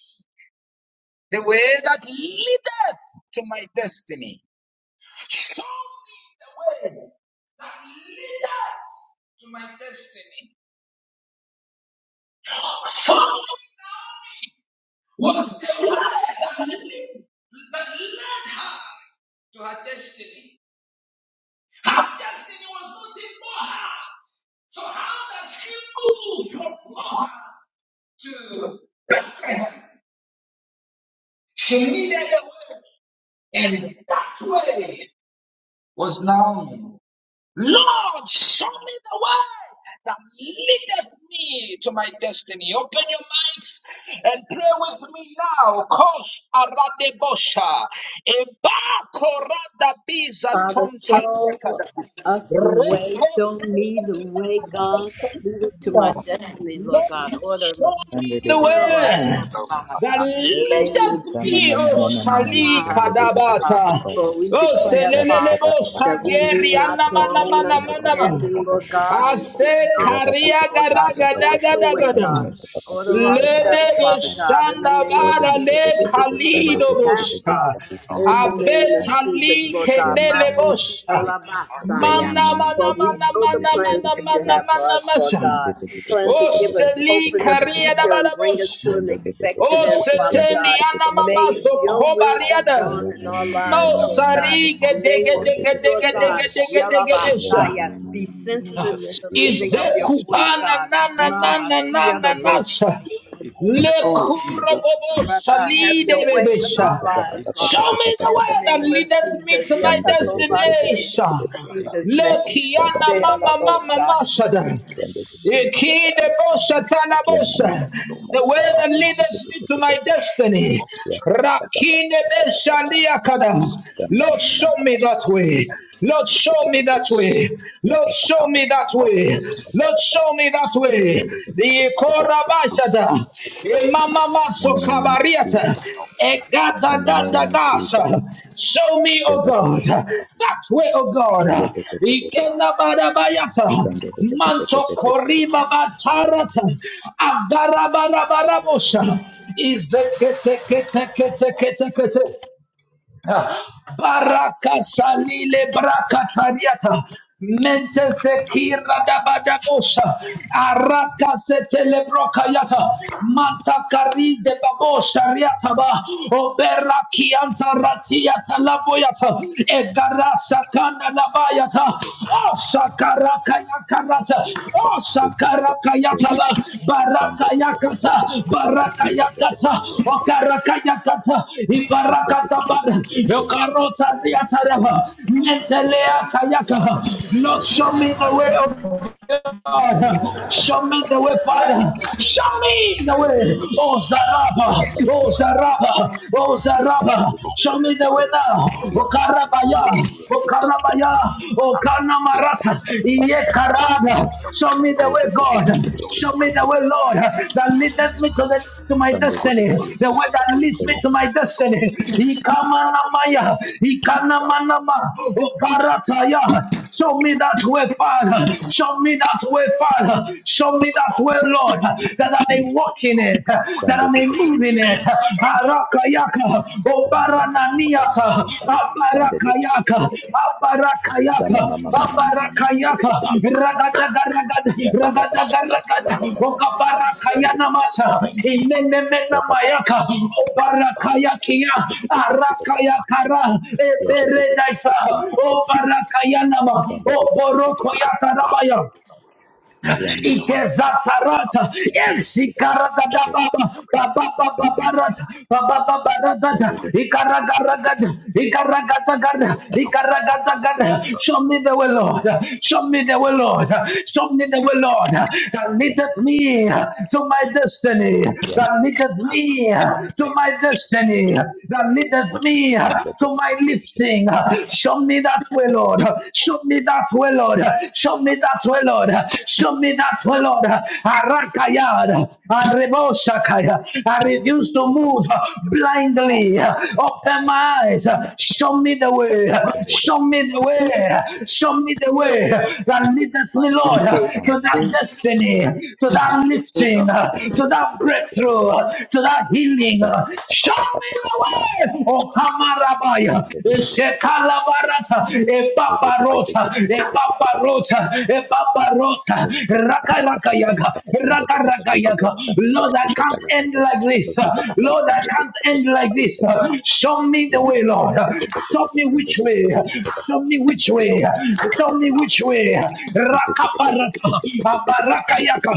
the way that leadeth to my destiny. Show me the way that leadeth to my destiny. Following Naomi was the way that led, that led her to her destiny. Her destiny was not in Moab. So how does she move from Moab to Bethlehem? She needed a way, and that way was Naomi. Lord, show me the way that leadeth me to my destiny. Open your mics and pray with me now. Kosh aradebosha. Eba korada biza tontaliakada. Rekos eba adesa Lead it to my destiny, Lord Lord, God. Order my show both me the the way that leadeth me, O Shali Kadabata. O Selelebo Shageri Anamanamanamanaman. Ase Karia Garagadagadagadam. Lede Beshanda Bara Le Kalido Bosha. Abetali Yeah, mama, Kendele mama, Bosha. mama, mama, Mana mama, mana mama, mama, mama. mana mana mana mana mana shande mana de de de de de de, masha. ishe de de de de de de de de de de de, Osteli shande de de kariada de, badabos. yande de de de de de de de, shende de Oseteni de de de de anamamaso de de. Yeah, kobariada. mama, mama, mama, mama, mama, mama, Mosari mama. gede gede shande de gede de de de gede de. gede gede gede Yeah, sha. mama, mama, mama, mama, mama, yashi ko de Izde la bande de de. kupana na na na na nana nasa. Oh, Jesus. Lekurobobo salide Ki de de bebesha. Show me the de de de de de de de de, way that shande. leadeth me to my Yande de de de de de de de de destination. de de de. Look, Da ba Yana, ba ba ba Mama, ba ba ba Mama, ba, Masada. shande de de de de de. de. Yeah, ma- ma- ma- Ikidebosatanabosa. ma- ma- ma- ma- The way ma- that this- this- leadeth this- me this- to this- my this- uh, destiny. yeah, ba- ba- ba- ba- ba- ba- ba- ba- ba- ba- ba. Rakinebeshaliakada. Yeah, ma- ma- Lord, ma- ma- show ma- me ma- that ma- ma- way. Lord, this- this- show this- me this- this. that way. Yeah, Lord, ba- ba- ba- show ba- me ba- that ba- ba- way. ba- ba- ba- Lord, ba- ba. show me that way. Yeah, this- this- this- The this- this- this- this- this- Korabashada, this- this. the Mama In Maso the name of Kabariata, Jesus. In Egata the name Gata of Jesus. Gasa. Show me, Yeah, oh ba- ba- ba- God, ba- ba- ba- ba. that way, oh God. Oh, this- this- this- this- this. Yeah, Ikenabadabayata, this- this- this- this- this- Manto this- this- this- this. koriba batarata, agarabarabarabosha, izekete kete kete kete kete. Barakasalile brakatariata. Menteste kira da badabosha. Araka setele brokayata. Manta kari de babosha riata ba. Obera kianta ratiata laboyata. Egarasa kan Bayata, O Sakaraka Yakarata, Oh, O shit, this- this- this- this- Sakaraka this- this. Yataba, Yeah, Baraka this- this- this- this- this- this- Yakata, this- this. Baraka Yeah, this- this- Yakata, Okaraka Karaka Yakata, Ibarakata this- Bada, O this- this- Karota this- this. Diatarava, Sunday, Nentelea Kayaka. Lord, show me the way of God. Show me the way, Father. Show me the way. Oh, Zaraba. Oh, Zaraba. Oh, Zaraba. Show me the way now. Oh, Karabaya. Oh, Karabaya. Oh, Kanamarata. Iye Karada. Show me the way, God. Show me the way, Lord, that leadeth me to the to my destiny, the way that leads me to my destiny. Ikamanamaya, ikanamanama, oparataya. Show me that way, Father. Show me that way, Father. Show me that way, Lord, that I may walk in it, that I may move in it. Arakayaka, Obarananiaka, Aparakayaka, Aparakayaka, yaka ragada ragada Yeah, ba- ba- ba- ragada ba- ba- ba- ba- ba- ragada ba- ba- ba- ba- ba- okabara kaya Shanda bu- bu- bu- bu- namasa ba. inene mena Yeah, ba- ba- ba- ba- mayaka ba- ba- ba- ba- ba- obara ba- ba- ba- kaya kia bu- bu- bu- bu- bu- bu- yeah, araka ba. ya kara Yeah, bu- bu- ebere bu- bu- bu- daisa bu- shanda bu- bu- bu- obara kaya nama shanda bu- bu- bu- bu- bu- oboroko ya bu- karabaya bu- bu. Yeah, ma- ma- ma- ma- ma- ma. Ikezatarata, Shanda bu- bu- bu- bu- ba- ba- ba- ba. Shanda bu- bu- bu- bu- Eshikarakadababa, shanda bu- bu- Babababarata, bu- bu- bu- bu- bu- bu- bu- bu- bu- bu. Ba- ba- ba- Babababaratata, ba- ba- Ikaragaragata, ba- Ikaragatakata, ba- ba- ba. Shanda bu- bu- bu- shanda bu- yeah, yeah, Yeah, Ikaragatakata. bu- bu- bu- yeah, bu- bu- bu- bu- shanda bu- bu- bu- bu- bu- Show me the way, Lord. Show bu- me the way, Lord. Show me the way, Lord. That leadeth me to my destiny. That leadeth me to my destiny. That leadeth me to my lifting. Show me that way, Lord. Show me that way, Lord. Show me that way, Lord. Show me that way, Lord. Arakayad and Reboshakaya. I refuse to move blindly. Open my eyes. Show me the way. I'm Show me the way. Show me the way that leadeth me, Lord, to that destiny, to that lifting, to that breakthrough, to that healing. Show me the way. Oh, Kamarabaya. Shekalabarata. If Epaparota, epaparota, epaparota, raka raka yaga, raka raka yaga. Lord, I can't end like this. Lord, I can't end like this. Show me the way, Lord. Show me which way. Show me which way. Show me which way. Raka parata, aparaka yaka,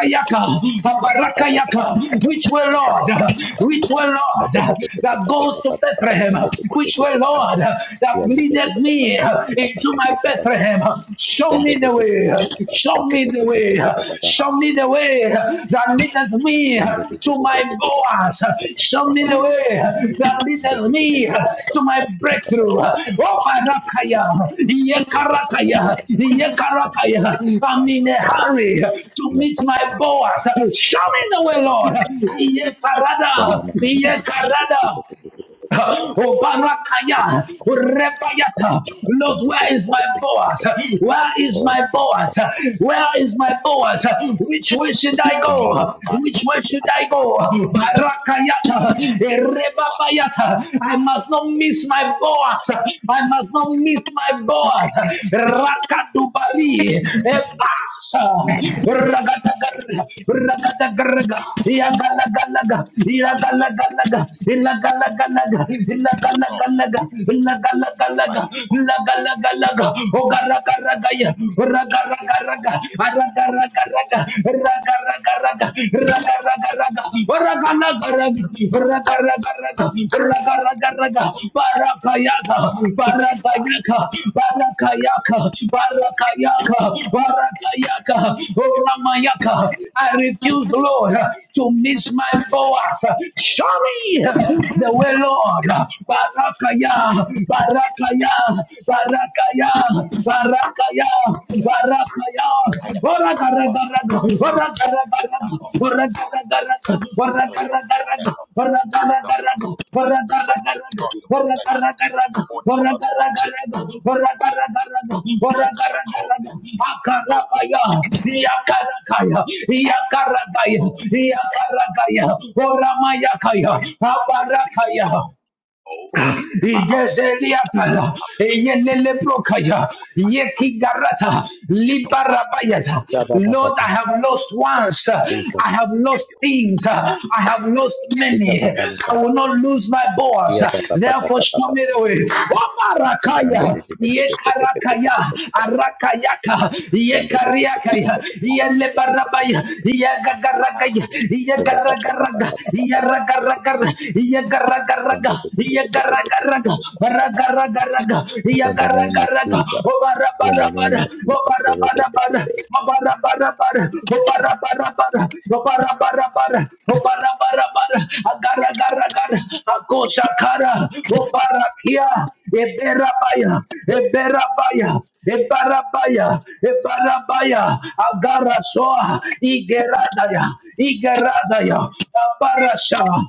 the one. yaka, Only, only aparaka the very yaka. which serve him Which way, Lord? would serve Which way, him. They prosper Lord? in That evil. They goes serve to Bethlehem. him because of him. But if his sorrow is great, Which way? way, Lord, that he loves me. Thus leadeth me into my Bethlehem. we Show me the way. Show me the way. Show me the way that leadeth me to think my such a Boaz. Show me the way that leadeth me to my breakthrough. Oh, Barakaya, Yekarakaya, Yekarakaya. I'm in a hurry to meet my Boaz. Show me the way, Lord. Thank you. know what Yekarada, will we begin to think and what things Yekarada. but how thanks to Obarakaya, Rebayata. Lord, where is my what Boaz? Where is my Boaz? Where is my Boaz? Which way should I God is go? body Which way great should I I go? I think Barakayata, that you know that it the whole body Rebabayata. I but must if you not don't do miss both my those I Boaz. I must not you miss did my these that Boaz. were that what what we all Rakadubari, been through right Ebasa, I give examples that Ragatagara, if you Ragatagaraga, took a car Yagalagalaga, the love not on the Yagalagalaga, weekend Ilagalagalaga. it comes off when it Lagalagalaga, lagalagalaga, might be wrong lagalagalaga, ogaragaragaya, we on this call, ragaragaraga, everyone aragaragaraga, ragaragaraga, got on this ragaragaraga, call oragalagaraga, ragaragaraga, yesterday. ragaragaraga, Those that barakayaga, barakayaka, barakayaka, barakayaka, barakayaka, oramayaka. I refuse, Lord, to miss my Boaz. Show me the way, Lord. Lord. Barakaya, Barakaya, Barakaya, Barakaya, Barakaya. Ora gara gara, ora gara gara, ora gara gara, ora gara gara, ora gara gara, ora gara gara, ora gara gara, ora gara gara, ora gara gara, ora gara gara. Akarabaya, Yakarakaya, Yakaragaya, Yakaragaya, Ora Mayakaya, Abarakaya, igezeliatala eyelelebrokaya yekigarata libarabayata Da ba ba ba lord ba. i have lost once i Jesus. have lost things i have lost Dika many ba ba la i da. will not lose my boss Kia ba ba ba ba therefore ba ba show ba me ba. the way Shanda Omarakaya, de de de de de de de de de de de de de yekarakaya de. arakayaka Shanda de de de de de de de de yekariakaya de de de de de de yelebarabaya de. yagagaragaya Ko ba ba ba ba ba ba ba ba ba ba. yagagaragaraga Shanda de de de de de de de de de de de de de. In the name of Jesus, in the name of Jesus, Ko re de de de de. Eberabaya, Ebarabaya, Ebarabaya, Agarasoa, Igeradaya, Igeradaya, Abarasha,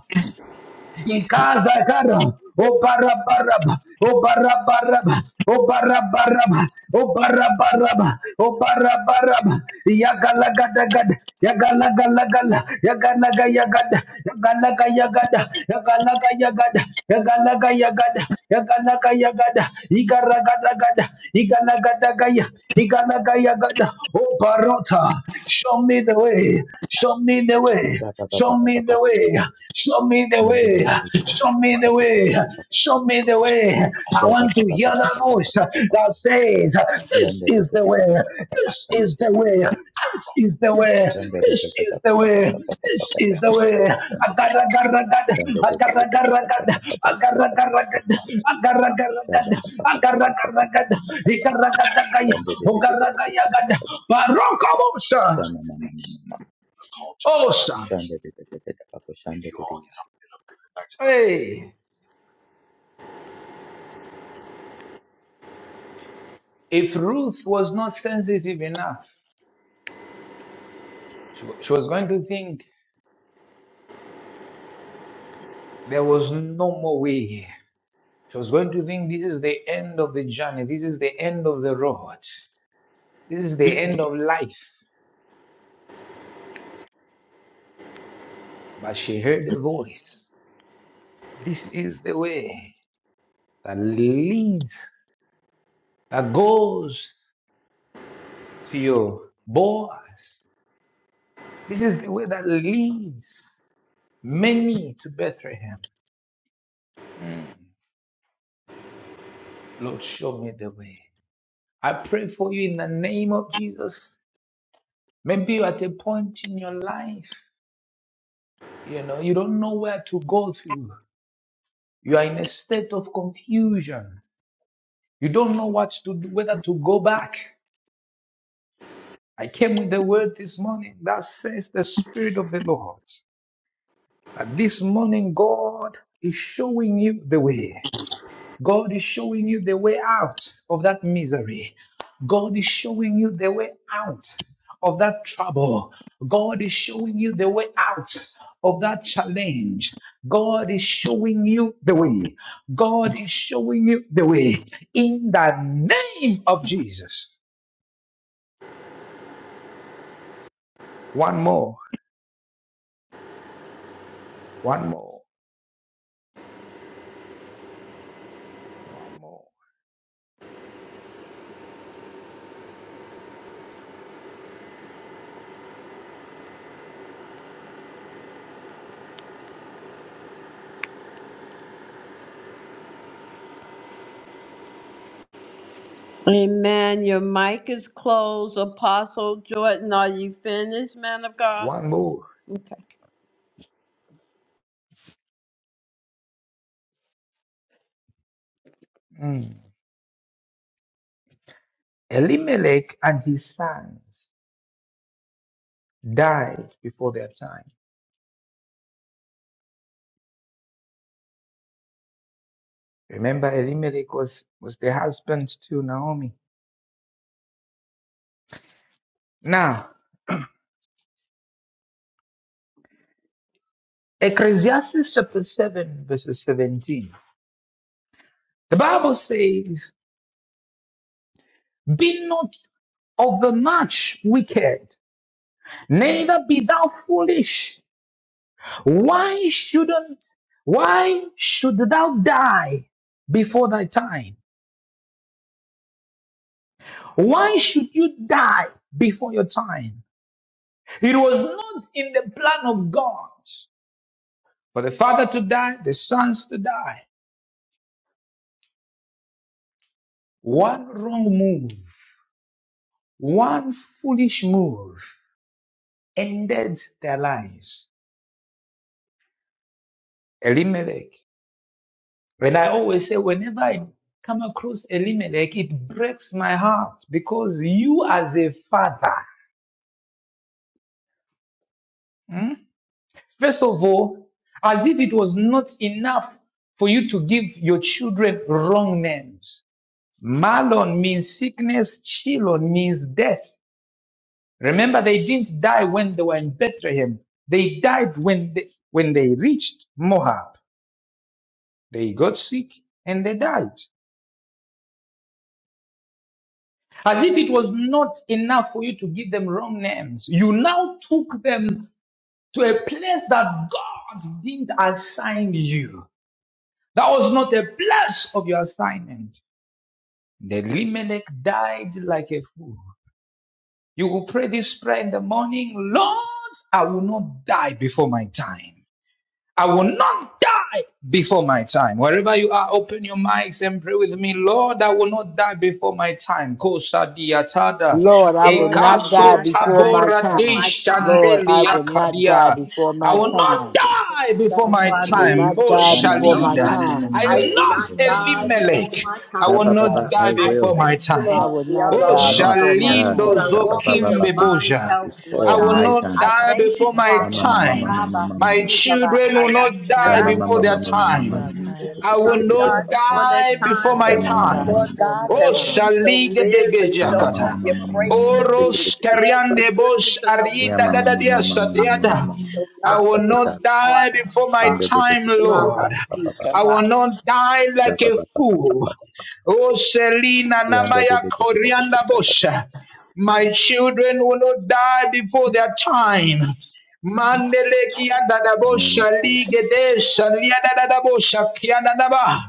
Ikaza kara. O bara baraba. O bara baraba. O bara baraba. O bara baraba. O bara baraba. Yagala gada gada. Yagala gala gala. Yagala gada yagada. Yagala gada yagada. Yagala gada yagada. Yagala gada yagada. Yagala gada yagada. Igara gada gada. Igala gada gaya. Igala gaya gada. yagada. O barota. Show me the way. Show me the way. Sha ba ba ba Show ba ba me ba the way. ba. Show me the Shanda de way. de de de de ba ba Show ba me ba the ba ba way. ba ba Show me ba. the way. I Shabba want to hear that voice that says, This is the way. This is the way. This is the way. This is the way. This is the way. Agaragaragat. Agaragaragat. Agaragaragat. Agaragaragat. Agaragaragat. Ikaragatagaya. Shana, Ogaragayagada. Barokabosha. Osha. Hey. If Ruth was not sensitive enough, she, wa- she was going to think there was no more way here. She was going to think this is the end of the journey, this is the end of the road, this is the end of life. But she heard a voice. This is the way that leads, that goes to your Boaz. This is the way that leads many to Bethlehem. Mm. Lord, show me the way. I pray for you in the name of Jesus Maybe you're at a point in your life, you know, you don't know where to go to. You are in a state of confusion. You don't know what to do, whether to go back. I came with the word this morning that says the Spirit of the Lord. That this morning, God is showing you the way. God is showing you the way out of that misery. God is showing you the way out of that trouble. God is showing you the way out of that challenge. God is showing you the way. God is showing you the way in the name of Jesus. One more, one more, one more, Amen. Your mic is closed. Apostle Jordan, are you finished, man of God? one more. Mm. Elimelech and his sons died before their time. Remember, Elimelech was, was the husband to Naomi. Now, Ecclesiastes chapter 7, verses 17. The Bible says, Be not overmuch wicked, neither be thou foolish. Why shouldn't, why should thou die before thy time? Why should you die before your time? It was not in the plan of God for the father to die, the sons to die. One wrong move, one foolish move ended their lives. Elimelech. And I always say, whenever I come across Elimelech, it breaks my heart because you, as a father, hmm, first of all, as if it was not enough for you to give your children wrong names. Malon means sickness, Chilon means death. Remember, they didn't die when they were in Bethlehem. They died when they, when they reached Moab. They got sick and they died. As if it was not enough for you to give them wrong names. You now took them to a place that God didn't assign you. That was not a place of your assignment. The Elimelech died like a fool. You will pray this prayer in the morning. Lord, I will not die before my time. I will not die before my time. Wherever you are, open your mics and pray with me. Lord, I will not die before my time. Kosa diatada. Lord, I will not Ekaso die before my tabora time. Lord, I dishandelia will not die kadia. before I my will not time. die before Lord, I my will I will not die time. not before die my before my time. Moshalida. time. I am not In the name of Elimelech. Jesus. I I will will die not before I die my will. before my time. I time. will not Oh, die Not before my that Shalindo Lord. time. I will Zokim shoot Beboja. in the I name before will of my not time. Jesus. I die will not before die my before Shama my mama mama time. time. mama My mama. children will My not children die Shama My will not before son mama die their mama will mama not before mama their time. die mama. time. before I his will son. not I die will not before I die my will Shama mama mama. Shama not mama mama before mama die my time. mama. time. before In my the Oh, name of time. Jesus. I will Shama not mama die shaligedegejakata. before mama my time. Boros kariande bosh In the arinda name of dadadia mama Jesus. mama satiada. mama I will not die before my I time. will mama. not die before my Shanda de de time, de papa Lord. papa In the name papa of papa. I will not Jesus. die like Papa a papa papa fool. papa. Oh, Selina Yanda de pa pa pa pa pa pa. Shaba pa pa pa pa pa pa. Shanda de Namaya de de de de pa Corianda pa pa pa. bosha. My children will not die before their time. Mandele kia dadabo Name of shali Jesus. gede shalia dadabo kia dadaba.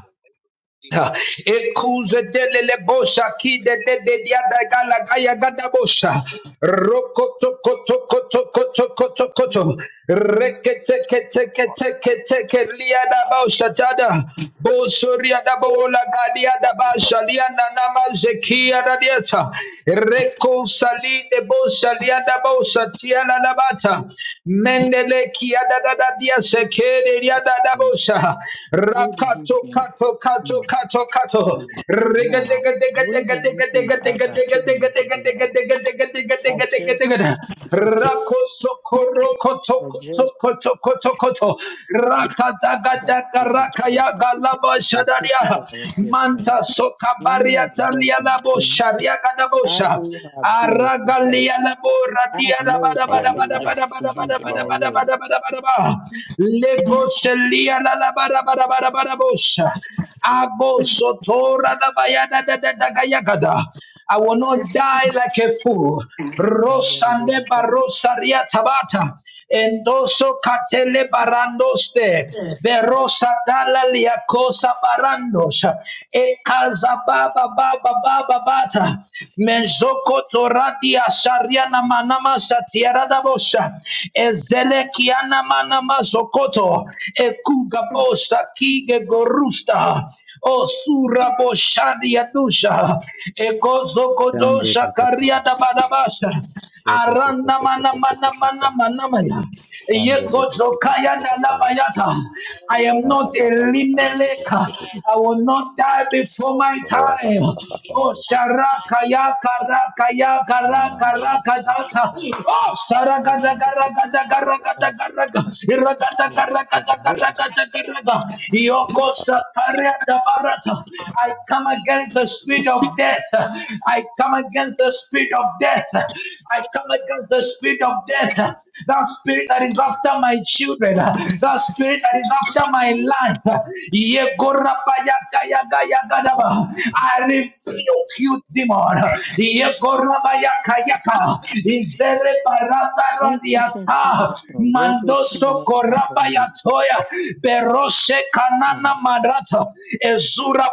Ekuze delele bosha ki de de de dia da gala gaya gada bosha. Rokoto koto koto koto koto koto. Reke teke teke teke teke lia da bosha tada. Bosoria da bola gadia da basha lia na nama zekia da dieta. Reko sali de bosha lia da bosha tia na labata. Mendele kia da da da dia sekere lia da This place, dadabosha. Where do you Rakato think? kato kato No, kato kato. no, Riga no. diga diga Where diga do you diga diga think I diga got diga two diga hundred diga fifty diga dollars? diga for? diga diga I diga diga just, diga. Rakosokoro koto I koto just, koto koto koto. just Rakadaga got daga to the rakaya car. galaba a fifty shadaria. dollar gift card. Manta I'm sokabaria not talia working. labo Do sharia I gadabosha. do have bills to pay? Aragalia la I borratia have da made bada bada bada bada sacrifices for bada bada you bada bada already. bada bada bada ba. Legoselia la la bada bada bada bada bosha. Agosotora da bayada da da da gayagada. I will not die like a fool. You already Rosande got Barosaria Tabata, Endoso Catele Barandoste, Berosa Dalla Liacosa Barandos, Ekaza Baba Baba Baba Bata, Menzoko Toradia Sariana Manama Satiara Dabosha, Ezelekiana Manama Sokoto, Ekuga Bosa Kige Gorusta, O surabo shadia dusha. Ekozo Shanda kodosha pa pa pa. kariada badabasha. Aranda mana mana mana mana maya. Yekozo kaya da la bayata. I am not a limeleka. I will not die before my time. Oh sharaka ya karaka ya karaka raka it. the zata. problem Oh is supposed sharaka uh, rakatakaraka I'm supposed to get witness to irakatakarakatakarakaraka yokosakariadabarata I come against the spirit of death I come against the spirit of death I come against the spirit of death that spirit that is after my children that spirit that is after my life Yegorapaya this. I rebuke you, demon. Is there a Don't you think you asking a little bit too Mandoso much out of me? korabayatoya. Berose Um, kanana marata. Ezura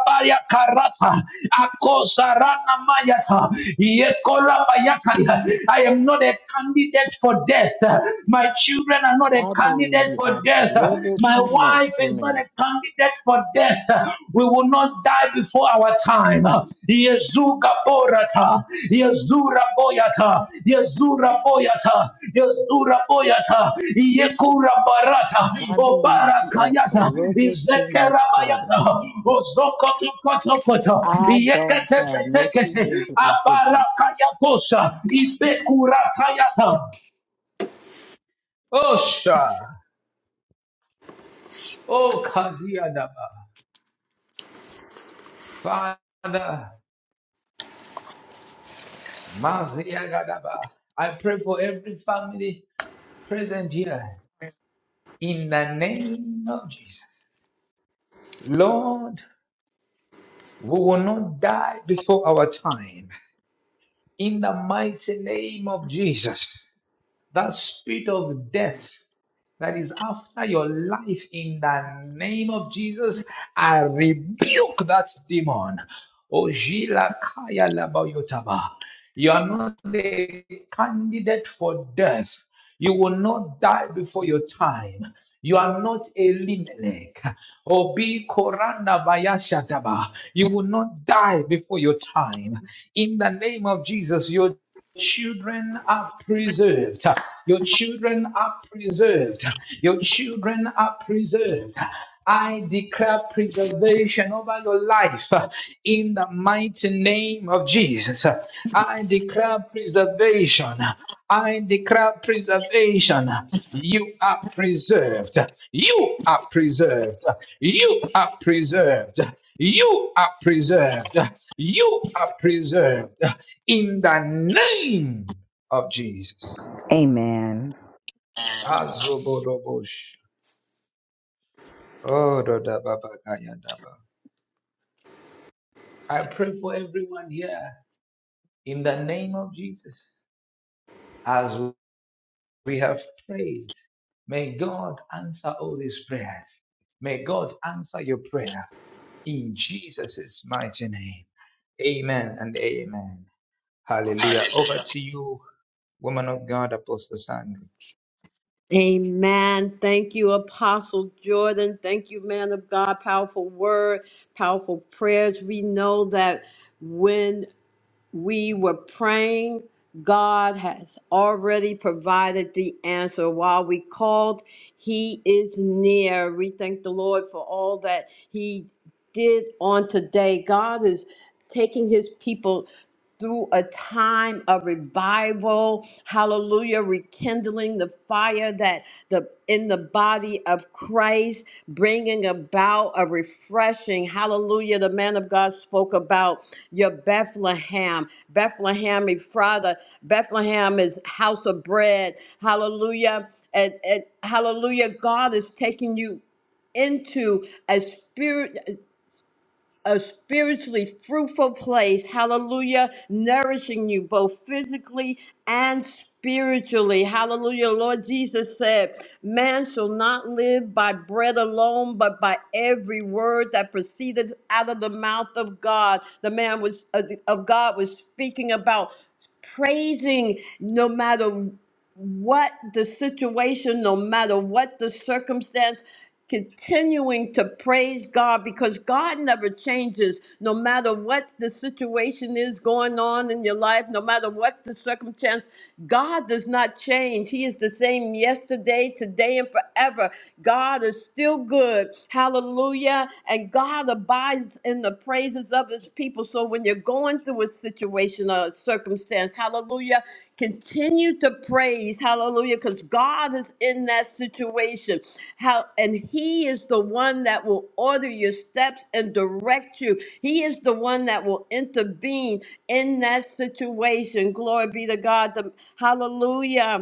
karata. Akosa mayata. Yekorabayakaya. I am not a candidate for death. My children are not a I believe candidate you for asked a death. little bit My too much wife for is not me. a candidate for death. We will not die before our time. Yezuga borata, Yezura boyata, Yezura boyata, Yezura boyata, Yekura barata, I believe you asked a Obarakayata, little bit too Izekera much out of me. bayata, Ozokoto koto koto, I don't Yekete have kete no tea kete, of in Abarakayakosha, Ibekurata yata. Osha, O Kaziadaba. Father, Maziya Gadaba, I pray for every family present here in the name of Jesus. Lord, we will not die before our time. In the mighty name of Jesus. that spirit of death that is after your life in the name of Jesus. I rebuke that demon. Ojila kaya labayotaba. You are not a candidate for death. You will not die before your time. You are not a Elimelech. Obi Koranda Vayashataba. You will not die before your time. In the name of Jesus, you children are preserved. Your children are preserved. Your children are preserved. I declare preservation over your life in the mighty name of Jesus. I declare preservation. I declare preservation. You are preserved. You are preserved. You are preserved. You are preserved. You are preserved in the name of Jesus. Amen. Hazobodobosh. Ododababakayadaba. I pray for everyone here in the name of Jesus. As we have prayed, may God answer all these prayers. May God answer your prayer in Jesus' mighty name. Amen and amen. Hallelujah. Over to you, woman of God, Apostle Sandra. Amen. Thank you, Apostle Jordan. Thank you, man of God. Powerful word, powerful prayers. We know that. when. we were praying, God has already provided the answer. While we called, He is near. We thank the Lord for all that He did on today. God is taking His people through a time of revival hallelujah rekindling the fire that the in the body of christ bringing about a refreshing hallelujah the man of god spoke about your bethlehem Bethlehem Ephrathah. Bethlehem is house of bread. Hallelujah. And, and hallelujah, God is taking you into a spirit a spiritually fruitful place. Hallelujah. Nourishing you both physically and spiritually. Hallelujah. Lord Jesus said, Man shall not live by bread alone, but by every word that proceeded out of the mouth of God. The man was uh, of God was speaking about praising no matter what the situation, no matter what the circumstance, continuing to praise God because God never changes no matter what the situation is going on in your life, no matter what the circumstance. God does not change. He is the same yesterday, today, and forever. God is still good. Hallelujah. And God abides in the praises of his people. So when you're going through a situation or a circumstance, hallelujah, continue to praise. Hallelujah. Because God is in that situation. How and he is the one that will order your steps and direct you. He is the one that will intervene in that situation. Glory be to God. The- hallelujah.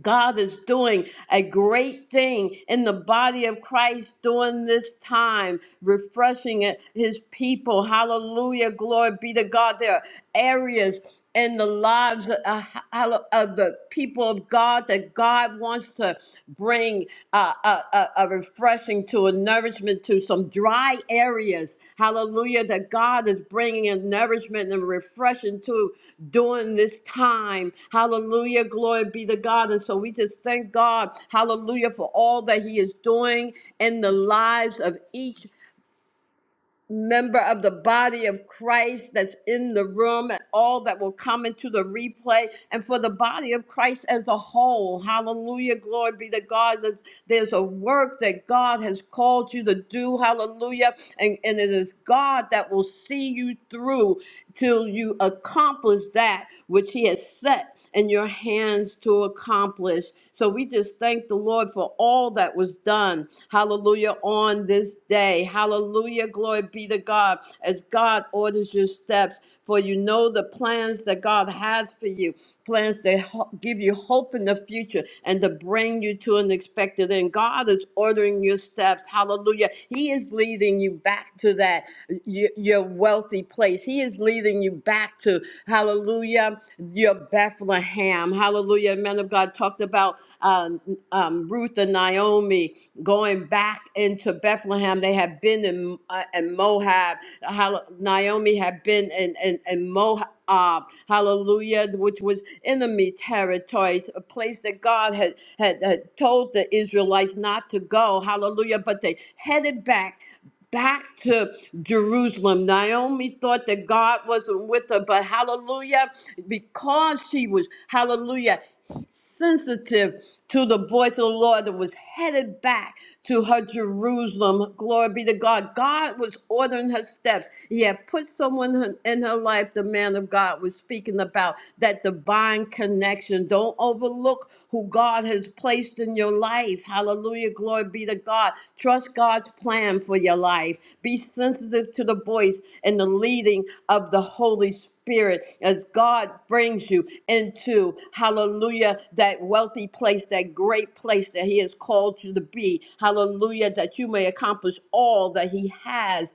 God is doing a great thing in the body of Christ during this time, refreshing it- his people. Hallelujah. Glory be to God. There are areas in the lives of, uh, hallo- of the people of God that God wants to bring uh, a, a, a refreshing to, a nourishment to, some dry areas. Hallelujah. That God is bringing a nourishment and refreshing to during this time. Hallelujah. Glory be to God. And so we just thank God, hallelujah, for all that He is doing in the lives of each member of the body of Christ that's in the room and all that will come into the replay and for the body of Christ as a whole. Hallelujah. Glory be to God. There's there's a work that God has called you to do. Hallelujah. And, and it is God that will see you through till you accomplish that which He has set in your hands to accomplish. So we just thank the Lord for all that was done. Hallelujah on this day. Hallelujah. Glory be to God as God orders your steps. For you know the plans that God has for you, plans that ho- give you hope in the future and to bring you to an expected end. God is ordering your steps. Hallelujah. He is leading you back to that y- your wealthy place. He is leading you back to, hallelujah, your Bethlehem. Hallelujah. Men of God talked about um, um, Ruth and Naomi going back into Bethlehem. They had been in, uh, in Moab. Hall- Naomi had been in, in, in Moab. hallelujah, which was enemy territories, a place that God had, had, had told the Israelites not to go. Hallelujah. But they headed back back to Jerusalem. Naomi thought that God wasn't with her, but hallelujah, because she was, hallelujah, sensitive to the voice of the Lord that was headed back to her Jerusalem. Glory be to God. God was ordering her steps. He had put someone in her life, the man of God was speaking about that divine connection. Don't overlook who God has placed in your life. Hallelujah. Glory be to God. Trust God's plan for your life. Be sensitive to the voice and the leading of the Holy Spirit spirit as God brings you into, hallelujah, that wealthy place, that great place that He has called you to be. Hallelujah, that you may accomplish all that He has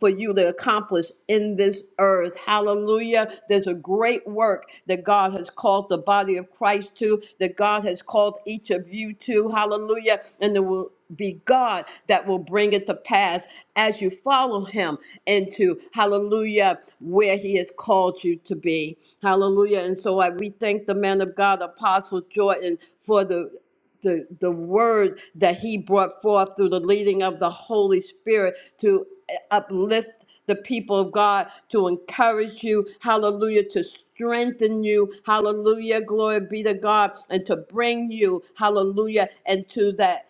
for you to accomplish in this earth. Hallelujah. There's a great work that God has called called the body of Christ to, that God has called each of you to. Hallelujah. And there will be God that will bring it to pass as you follow him into hallelujah where he has called you to be hallelujah and so I we thank the man of God apostle Jordan for the the, the word that he brought forth through the leading of the Holy Spirit to eh, uplift the people of God, to encourage you, hallelujah, to strengthen you, hallelujah, glory be to God, and to bring you, hallelujah, into that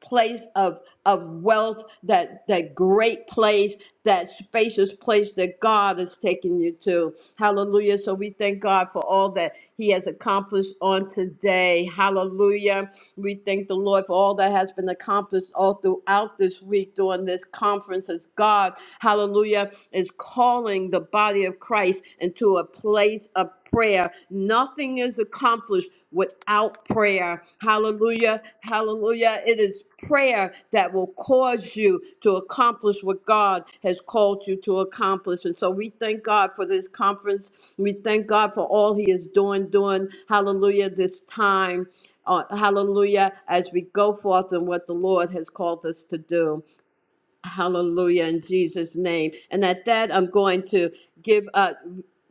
place of of wealth, that that great place, that spacious place that God has taken you to. Hallelujah. So we thank God for all that He has accomplished on today. Hallelujah. We thank the Lord for all that has been accomplished all throughout this week during this conference as God, hallelujah, is calling the body of Christ into a place of prayer. Nothing is accomplished without prayer. Hallelujah. Hallelujah. It is prayer that will cause you to accomplish what God has called you to accomplish. And so we thank God for this conference. We thank God for all He is doing, doing, hallelujah, this time. Uh, hallelujah, as we go forth in what the Lord has called us to do. Hallelujah in Jesus' name. And at that, I'm going to give up.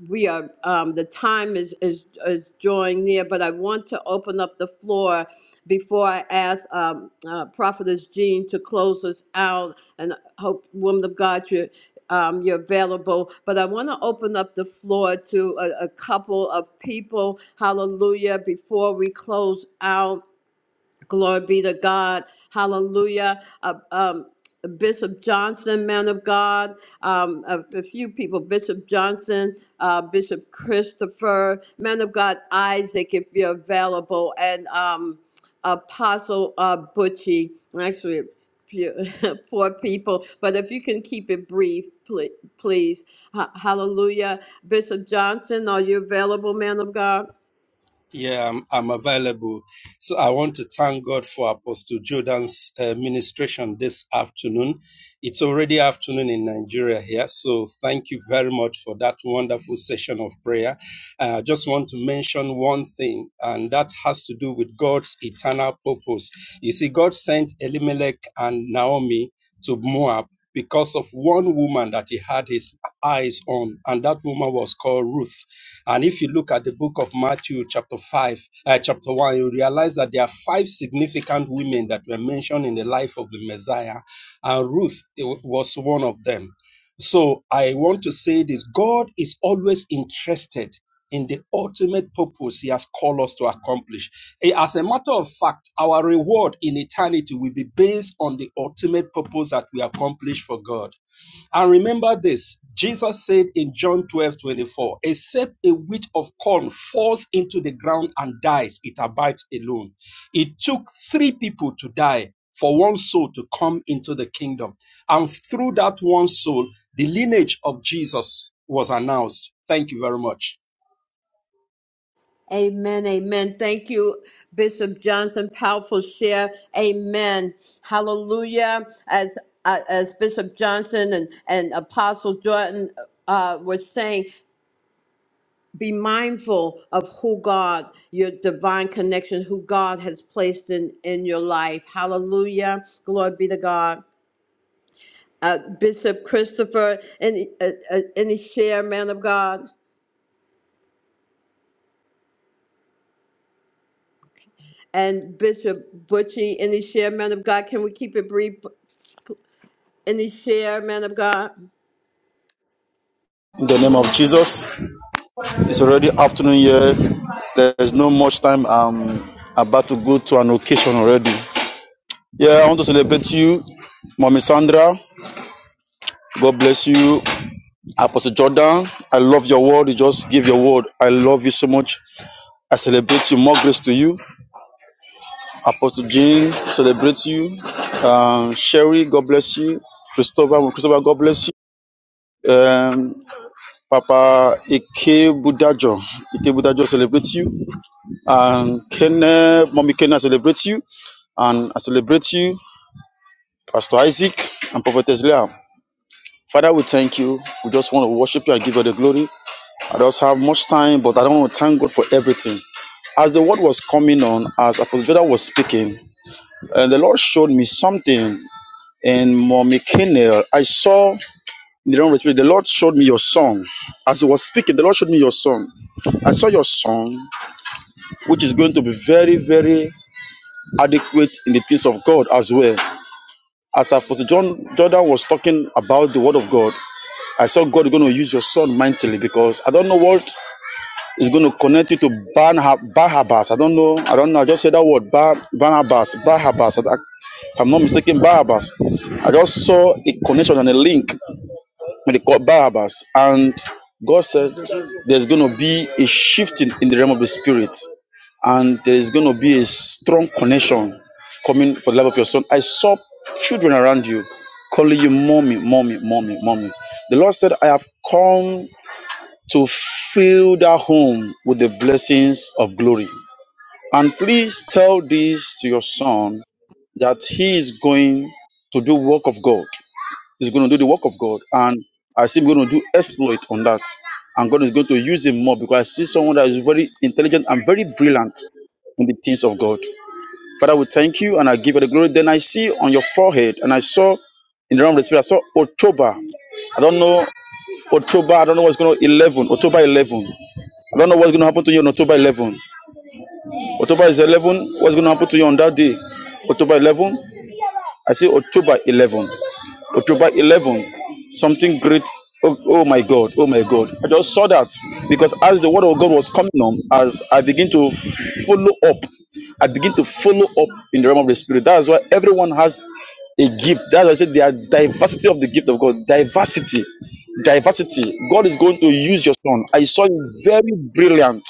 We are um, the time is, is is drawing near, but I want to open up the floor before I ask um, uh, Prophetess Jean to close us out. And I hope, woman of God, you um, you're available. But I want to open up the floor to a, a couple of people. Hallelujah! Before we close out, Glory be to God. Hallelujah. Uh, um, Bishop Johnson, man of God, um, a, a few people, Bishop Johnson, uh, Bishop Christopher, man of God, Isaac, if you're available, and um, Apostle uh, Butchie. Actually, a few- four people, but if you can keep it brief, please. please. Ha- hallelujah. Bishop Johnson, are you available, man of God? Yeah, I'm, I'm available. So I want to thank God for Apostle Jordan's uh, ministration this afternoon. It's already afternoon in Nigeria here. So thank you very much for that wonderful session of prayer. Uh, I just want to mention one thing, and that has to do with God's eternal purpose. You see, God sent Elimelech and Naomi to Moab because of one woman that he had his eyes on, and that woman was called Ruth. And if you look at the book of Matthew, chapter 5, uh, chapter 1, you realize that there are five significant women that were mentioned in the life of the Messiah, and Ruth eh, was one of them. So I want to say this God is always interested in the ultimate purpose he has called us to accomplish. Eh, As a matter of fact, our reward in eternity will be based on the ultimate purpose that we accomplish for God. And remember this Jesus said in John 12 24, except a wheat of corn falls into the ground and dies, it abides alone. It took three people to die for one soul to come into the kingdom. And through that one soul, the lineage of Jesus was announced. Thank you very much. Amen. Amen. Thank you, Bishop Johnson. Powerful share. Amen. Hallelujah. As uh, as Bishop Johnson and and Apostle Jordan uh, were saying, be mindful of who God, your divine connection, who God has placed in in your life. Hallelujah. Glory be to God. Uh, Bishop Christopher, any uh, uh, any share, man of God, and Bishop Butchie, any share, man of God. Can we keep it brief? Any share, man of God? the name of Jesus, it's already afternoon here. There's no much time. I'm about to go to an occasion already. Yeah, I want to celebrate you, Mommy Sandra. God bless you, Apostle Jordan. I love your word. You just give your word. I love you so much. I celebrate you. More grace to you. Apostle Jean, celebrate you. Um, Sherry, God bless you. Christopher, Christopher, God bless you. Um, Papa Ike Budajo, Ike Budajo, celebrates you. And Kenneth, Mommy Kenneth, celebrates you. And I celebrate you, Pastor Isaac and Prophetess Leah. Father, we thank you. We just want to worship you and give you the glory. I don't have much time, but I don't want to thank God for everything. As the word was coming on, as Apostle Jordan was speaking, and the Lord showed me something And Mommy Kenel, I saw in the realm of the spirit, the Lord showed me your song. As he was speaking, the Lord showed me your song. I saw your song, which is going to be very, very adequate in the things of God as well. As Apostle John Jordan was talking about the word of God, I saw God going to use your son mightily because I don't know what is going to connect you to Barnha- Barnabas. I don't know. I don't know. I just said that word, Bar- Barnabas, Barnabas. I- I- if I'm not mistaken, Barnabas. I just saw a connection and a link when they call Barabbas. And God said there's going to be a shifting in the realm of the spirit, and there is going to be a strong connection coming for the life of your son. I saw children around you calling you mommy, mommy, mommy, mommy. The Lord said, I have come to fill that home with the blessings of glory. And please tell this to your son that he is going to do work of God. He's going to do the work of God. And I see him going to do exploit on that. And God is going to use him more because I see someone that is very intelligent and very brilliant in the things of God. Father, we thank you and I give you the glory. Then I see on your forehead, and I saw in the realm of the spirit, I saw October. I don't know October, I don't know what's going to 11, October 11. I don't know what's going to happen to you on October 11. October is 11, what's going to happen to you on that day? October 11, I see October 11. October 11, something great. Oh, oh my God, oh my God. I just saw that because as the word of God was coming on, as I begin to follow up, I begin to follow up in the realm of the spirit. That's why everyone has a gift. That's why I said there are diversity of the gift of God. Diversity. Diversity. God is going to use your son. I saw it very brilliant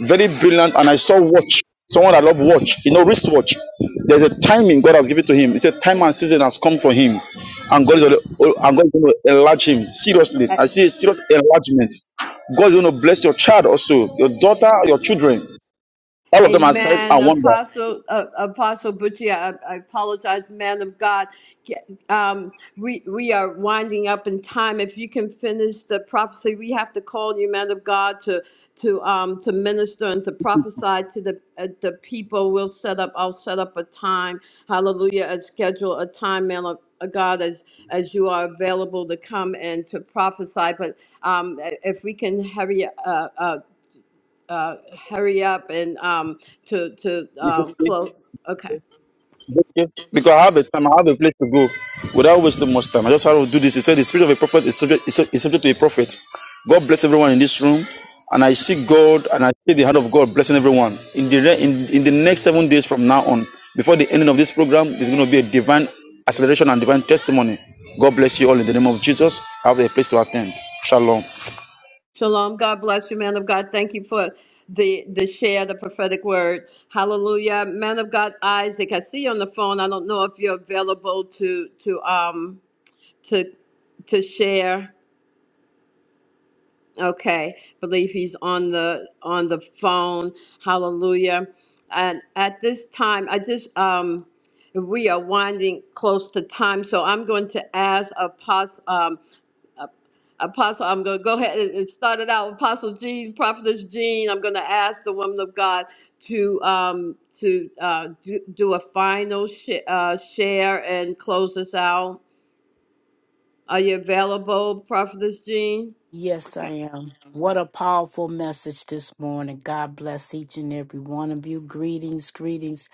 very brilliant and i saw watch someone i love watch you know wristwatch there's a timing god has given to him it's a time and season has come for him and god is gonna- and god is going to enlarge him seriously A- i see a serious enlargement god is going to bless your child also your daughter your children all of them are signs Amen. and wonder Apostle, uh, Apostle Butchie, I, I apologize, man of God. Get- Um, we, we are winding up in time. If you can finish the prophecy, we have to call you, man of God, to to um to minister and to prophesy to the uh, the people. We'll set up. I'll set up a time. Hallelujah. And schedule a time, man of uh, God, as as you are available to come and to prophesy. But um, if we can hurry uh, uh, uh, hurry up and um, to to um, close. Okay. Okay. Because I have a time, I have a place to go. Without wasting much time, I just have to do this. He said, "The spirit of a prophet is subject, is, sub- is subject to a prophet." God bless everyone in this room, and I see God and I see the hand of God blessing everyone in the re- in, in the next seven days from now on. Before the ending of this program, there's going to be a divine acceleration and divine testimony. God bless you all in the name of Jesus. Have a place to attend. Shalom. Shalom. God bless you, man of God. Thank you for the the share, the prophetic word. Hallelujah, man of God. Isaac, I see you on the phone. I don't know if you're available to to um to to share. Okay, believe he's on the on the phone. Hallelujah. And at this time, I just um we are winding close to time, so I'm going to ask Apostle. Uh, Apostle, I'm going to go ahead It and start it started out. with Apostle Jean, Prophetess Jean, I'm going to ask the woman of God to um to uh do, do a final sh- uh, share and close us out. Are you available, Prophetess Jean? Yes, I am. What a powerful message this morning. God bless each and every one of you. Greetings, greetings,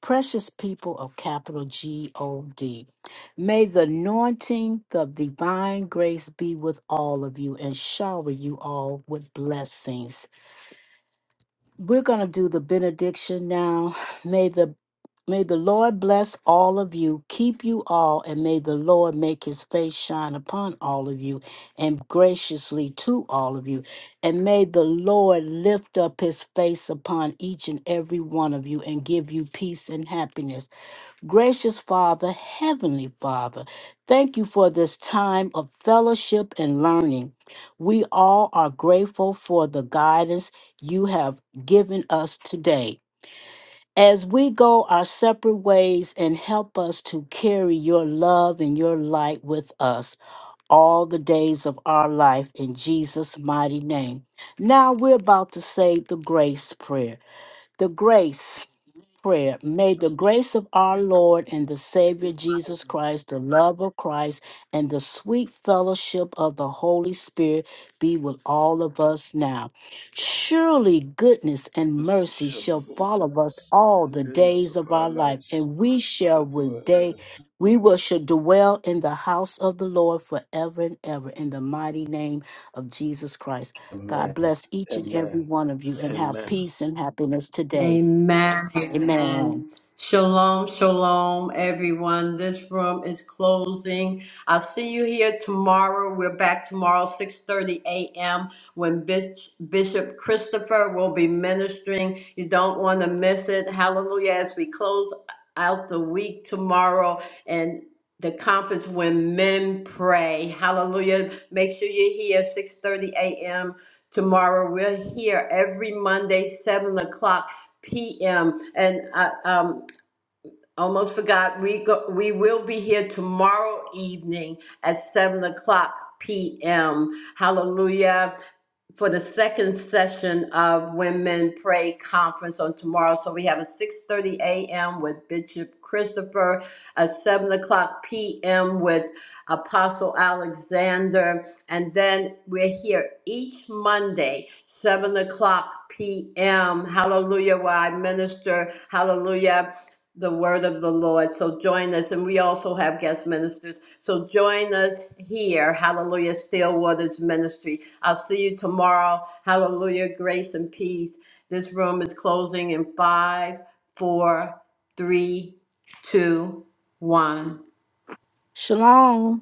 precious people of capital G O D. May the anointing of divine grace be with all of you and shower you all with blessings. We're going to do the benediction now. May the May the Lord bless all of you, keep you all, and may the Lord make his face shine upon all of you and graciously to all of you. And may the Lord lift up his face upon each and every one of you and give you peace and happiness. Gracious Father, Heavenly Father, thank you for this time of fellowship and learning. We all are grateful for the guidance you have given us today as we go our separate ways and help us to carry your love and your light with us all the days of our life in Jesus' mighty name. Now we're about to say the grace prayer. The grace prayer. May the grace of our Lord and the Savior Jesus Christ, the love of Christ, and the sweet fellowship of the Holy Spirit be with all of us now. Surely goodness and mercy shall follow us all the days of our life, and we shall with day. We will should dwell in the house of the Lord forever and ever in the mighty name of Jesus Christ. God bless each and every one of you and have peace and happiness today. Amen. Amen. Shalom, shalom, everyone. This room is closing. I'll see you here tomorrow. We're back tomorrow, 6.30 a.m., when Bis- Bishop Christopher will be ministering. You don't want to miss it. Hallelujah. As we close out the week tomorrow and the conference when men pray. Hallelujah. Make sure you're here, 6.30 a.m. Tomorrow, we're here every Monday, 7 o'clock PM. And I um, almost forgot, we go, we will be here tomorrow evening at seven o'clock PM. Hallelujah for the second session of Women Pray Conference on tomorrow. So we have a 6:30 a.m. with Bishop Christopher, a 7 o'clock p.m. with Apostle Alexander, and then we're here each Monday, 7 o'clock p.m. Hallelujah, where I minister. Hallelujah. The word of the Lord. So join us. And we also have guest ministers. So join us here. Hallelujah. Stillwater's ministry. I'll see you tomorrow. Hallelujah. Grace and peace. This room is closing in five, four, three, two, one. Shalom.